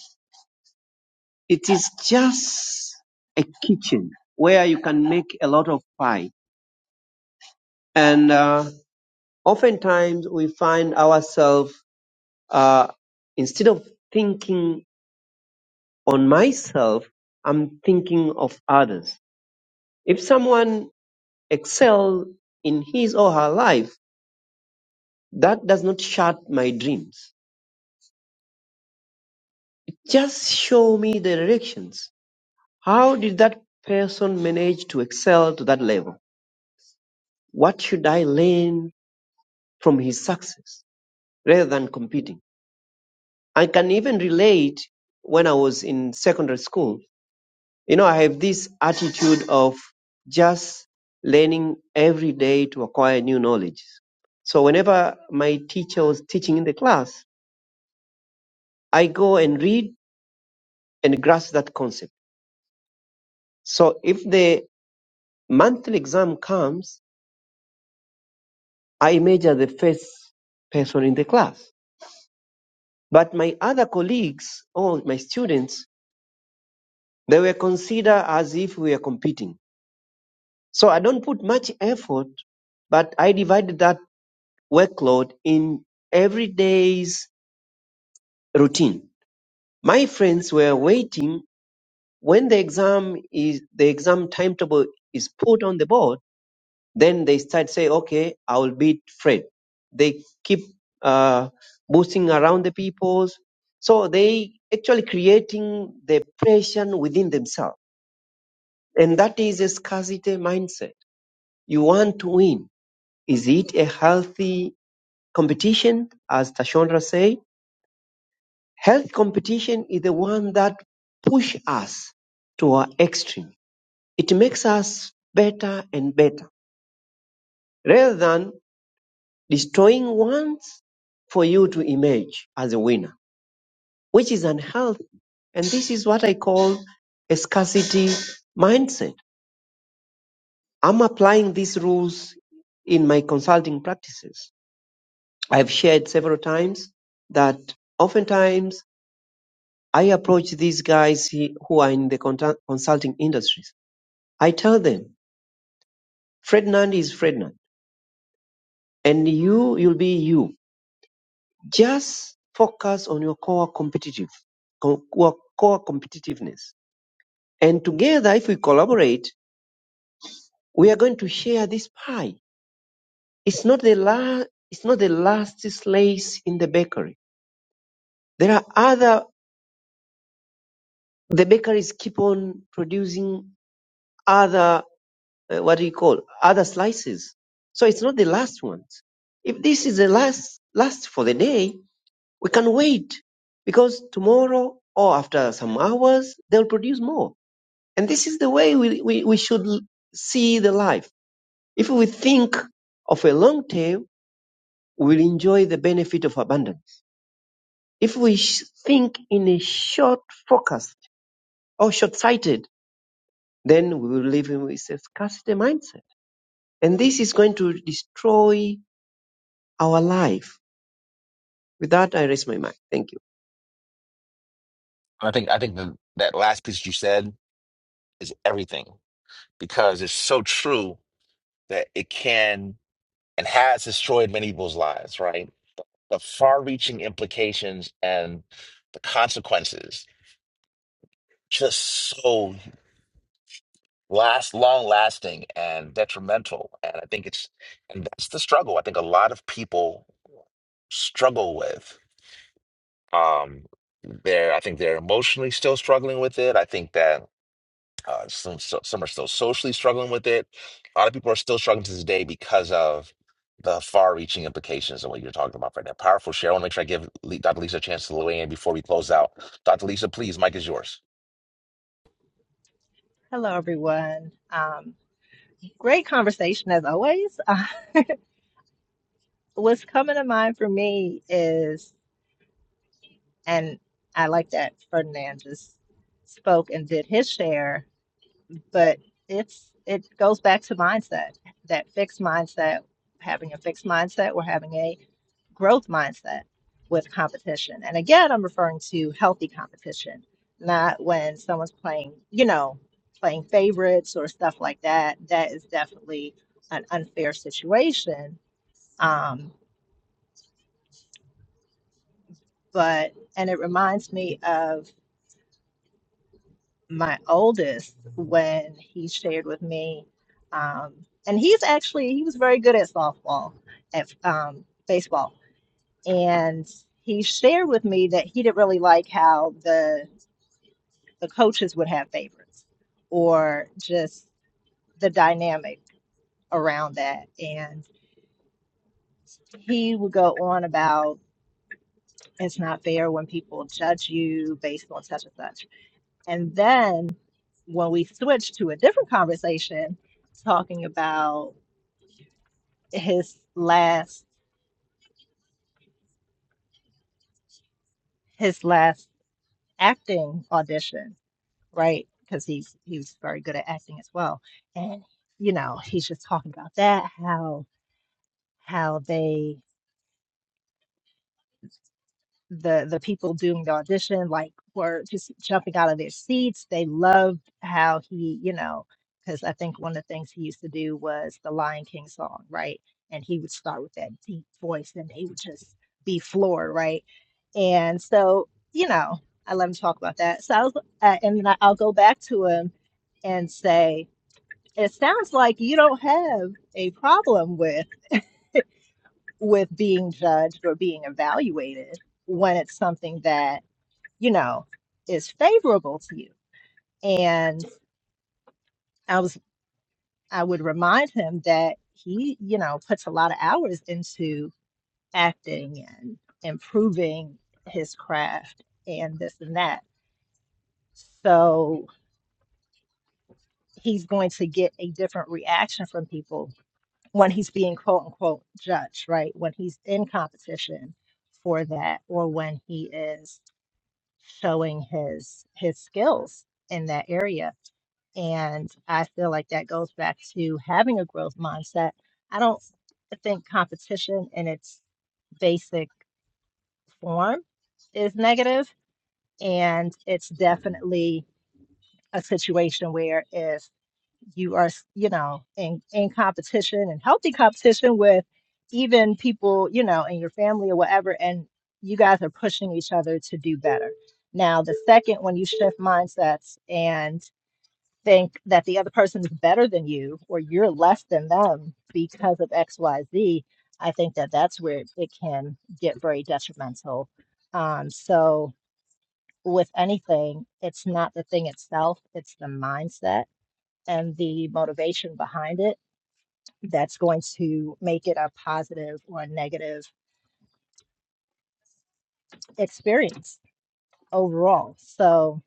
[SPEAKER 9] It is just a kitchen where you can make a lot of pie. And uh, oftentimes, we find ourselves uh, instead of thinking on myself, I'm thinking of others. If someone excel in his or her life. That does not shut my dreams. Just show me the directions. How did that person manage to excel to that level? What should I learn from his success rather than competing? I can even relate when I was in secondary school. You know, I have this attitude of just learning every day to acquire new knowledge. So whenever my teacher was teaching in the class, I go and read and grasp that concept. So if the monthly exam comes, I measure the first person in the class. But my other colleagues or my students, they were considered as if we are competing. So I don't put much effort, but I divided that workload in every day's routine. My friends were waiting when the exam is the exam timetable is put on the board Then they start say, okay, I will beat Fred. They keep uh, boosting around the peoples. So they actually creating the pressure within themselves. And that is a scarcity mindset. You want to win. Is it a healthy competition? As Tashondra say, health competition is the one that push us to our extreme. It makes us better and better rather than destroying ones for you to emerge as a winner, which is unhealthy. And this is what I call a scarcity mindset. I'm applying these rules in my consulting practices. I've shared several times that oftentimes I approach these guys he- who are in the conta- consulting industries. I tell them, Ferdinand is Ferdinand, and you, you'll be you Just focus on your core competitive, co- core core competitiveness. And together, if we collaborate, we are going to share this pie. It's not the la- it's not the last slice in the bakery. There are other, the bakeries keep on producing other, uh, what do you call, other slices. So it's not the last ones. If this is the last, last for the day, we can wait because tomorrow or after some hours, they'll produce more. And this is the way we, we, we should see the life. If we think of a long term, we'll enjoy the benefit of abundance. If we think in a short focused or short sighted, then we will live in with a scarcity mindset. And this is going to destroy our life. With that, I raise my mic. Thank you.
[SPEAKER 1] And I think I think the, that last piece you said is everything because it's so true that it can and has destroyed many people's lives, right? The far-reaching implications and the consequences just so last long lasting and detrimental and i think it's and that's the struggle i think a lot of people struggle with um they're i think they're emotionally still struggling with it i think that uh, some so, some are still socially struggling with it a lot of people are still struggling to this day because of the far-reaching implications of what you're talking about right now powerful share i want to make sure i give Le- dr lisa a chance to weigh in before we close out dr lisa please mike is yours
[SPEAKER 10] Hello, everyone. Um, great conversation as always. Uh, what's coming to mind for me is, and I like that Ferdinand just spoke and did his share, but it's it goes back to mindset, that fixed mindset, having a fixed mindset, or having a growth mindset with competition. And again, I'm referring to healthy competition, not when someone's playing, you know, playing favorites or stuff like that. That is definitely an unfair situation. Um, but, and it reminds me of my oldest when he shared with me, um, and he's actually, he was very good at softball, at um, baseball. And he shared with me that he didn't really like how the the coaches would have favorites or just the dynamic around that. And he would go on about it's not fair when people judge you based on such and such. And then when we switched to a different conversation talking about his last his last acting audition, right? Because he he was very good at acting as well. And you know, he's just talking about that, how how they the the people doing the audition like were just jumping out of their seats. They loved how he, you know, because I think one of the things he used to do was the Lion King song, right? And he would start with that deep voice, and they would just be floored, right? And so, you know, I let him talk about that. So I was, uh, and then I- I'll go back to him and say, "It sounds like you don't have a problem with with being judged or being evaluated when it's something that." you know, is favorable to you. And I was I would remind him that he, you know, puts a lot of hours into acting and improving his craft and this and that. So he's going to get a different reaction from people when he's being quote unquote judged, right? When he's in competition for that or when he is showing his his skills in that area. And I feel like that goes back to having a growth mindset. I don't think competition in its basic form is negative, and it's Mhm. definitely a situation where if you are, s- you know, in, in competition and healthy competition with even people, you know, in your family or whatever, and you guys are pushing each other to do better. Now, the second, when you shift mindsets and think that the other person is better than you or you're less than them because of X, Y, Z, I think that that's where it can get very detrimental. Um, so, with anything, it's not the thing itself, it's the mindset and the motivation behind it that's going to make it a positive or a negative experience overall. So,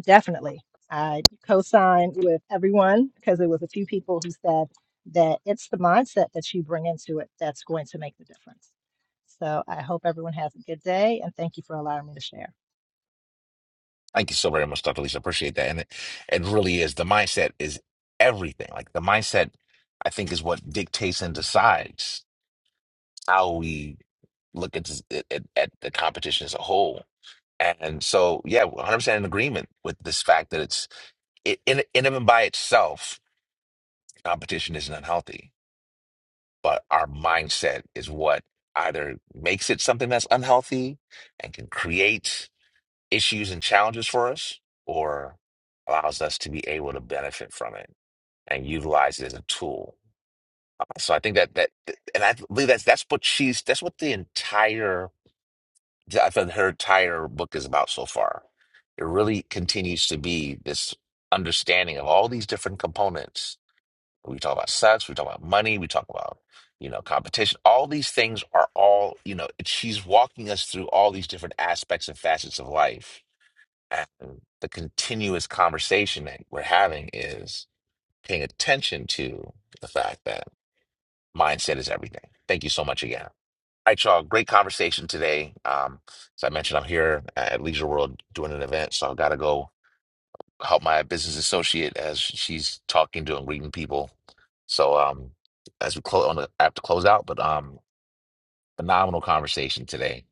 [SPEAKER 10] definitely, I co signed with everyone because there was a few people who said that it's the mindset that you bring into it that's going to make the difference. So, I hope everyone has a good day and thank you for allowing me to share.
[SPEAKER 1] Thank you so very much, Dr. Lisa. Appreciate that. And it, it really is. The mindset is everything. Like the mindset, I think, is what dictates and decides how we look at this, at, at the competition as a whole. And so, yeah, 100% in agreement with this fact that it's it, in in and by itself, competition isn't unhealthy, but our mindset is what either makes it something that's unhealthy and can create. issues and challenges for us or allows us to be able to benefit from it and utilize it as a tool. So I think that that and I believe that's that's what she's that's what the entire I thought her entire book is about so far. It really continues to be this understanding of all these different components. We talk about sex, we talk about money, we talk about you know competition. All these things are all you know. She's walking us through all these different aspects and facets of life and the continuous conversation that we're having is paying attention to the fact that mindset is everything. Thank you so much again. All right, y'all. Great conversation today. Um, as I mentioned, I'm here at Leisure World doing an event, so I've got to go help my business associate as she's talking to and greeting people. So um, as we close on the app to close out, but um, phenomenal conversation today,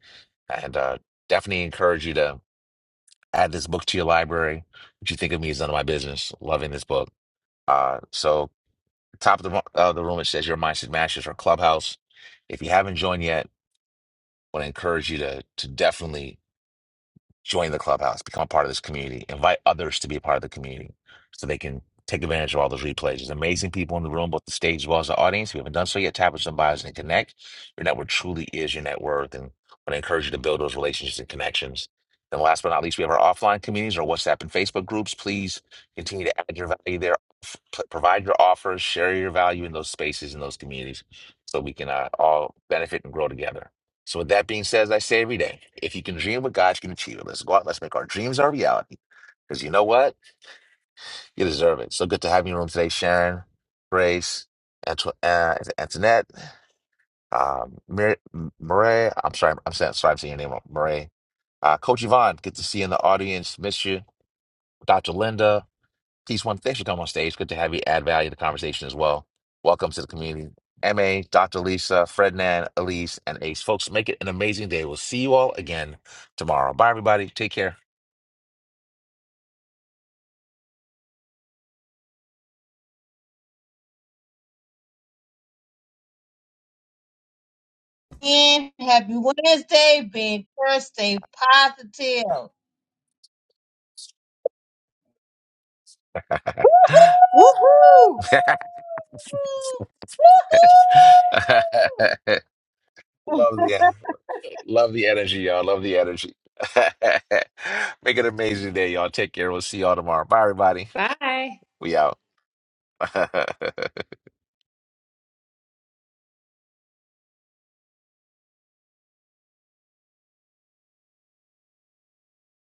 [SPEAKER 1] and uh, definitely encourage you to. add this book to your library. What you think of me is none of my business. Loving this book. Uh, so top of the, ro- uh, the room, it says your mindset matches our clubhouse. If you haven't joined yet, I want to encourage you to to definitely join the clubhouse, become a part of this community, invite others to be a part of the community so they can take advantage of all those replays. There's amazing people in the room, both the stage as well as the audience. If you haven't done so yet, tap into some bios and connect. Your network truly is your net worth. And I want to encourage you to build those relationships and connections. Then last but not least, we have our offline communities, our WhatsApp and Facebook groups. Please continue to add your value there. F- p- Provide your offers, share your value in those spaces, in those communities, so we can uh, all benefit and grow together. So with that being said, as I say every day, if you can dream what God you can achieve it. Let's go out. Let's make our dreams our reality. Because you know what? You deserve it. So good to have you in the room today, Sharon, Grace, Anto- uh, Antoinette, um, Mar- Murray. I'm sorry. I'm saying, sorry. I'm saying your name wrong. Murray. Uh, Coach Yvonne, good to see you in the audience. Miss you. Dr. Linda. Peace, one. Thanks for coming on stage. Good to have you add value to the conversation as well. Welcome to the community. MA, Dr. Lisa, Frednan, Elise, and Ace. Folks, make it an amazing day. We'll see you all again tomorrow. Bye, everybody. Take care.
[SPEAKER 3] And happy Wednesday, be encouraged, stay positive. Woohoo!
[SPEAKER 7] Woohoo!
[SPEAKER 3] Woohoo!
[SPEAKER 1] love the love the energy, y'all. Love the energy. make it an amazing day, y'all. Take care. We'll see y'all tomorrow. Bye, everybody.
[SPEAKER 7] Bye.
[SPEAKER 1] We out.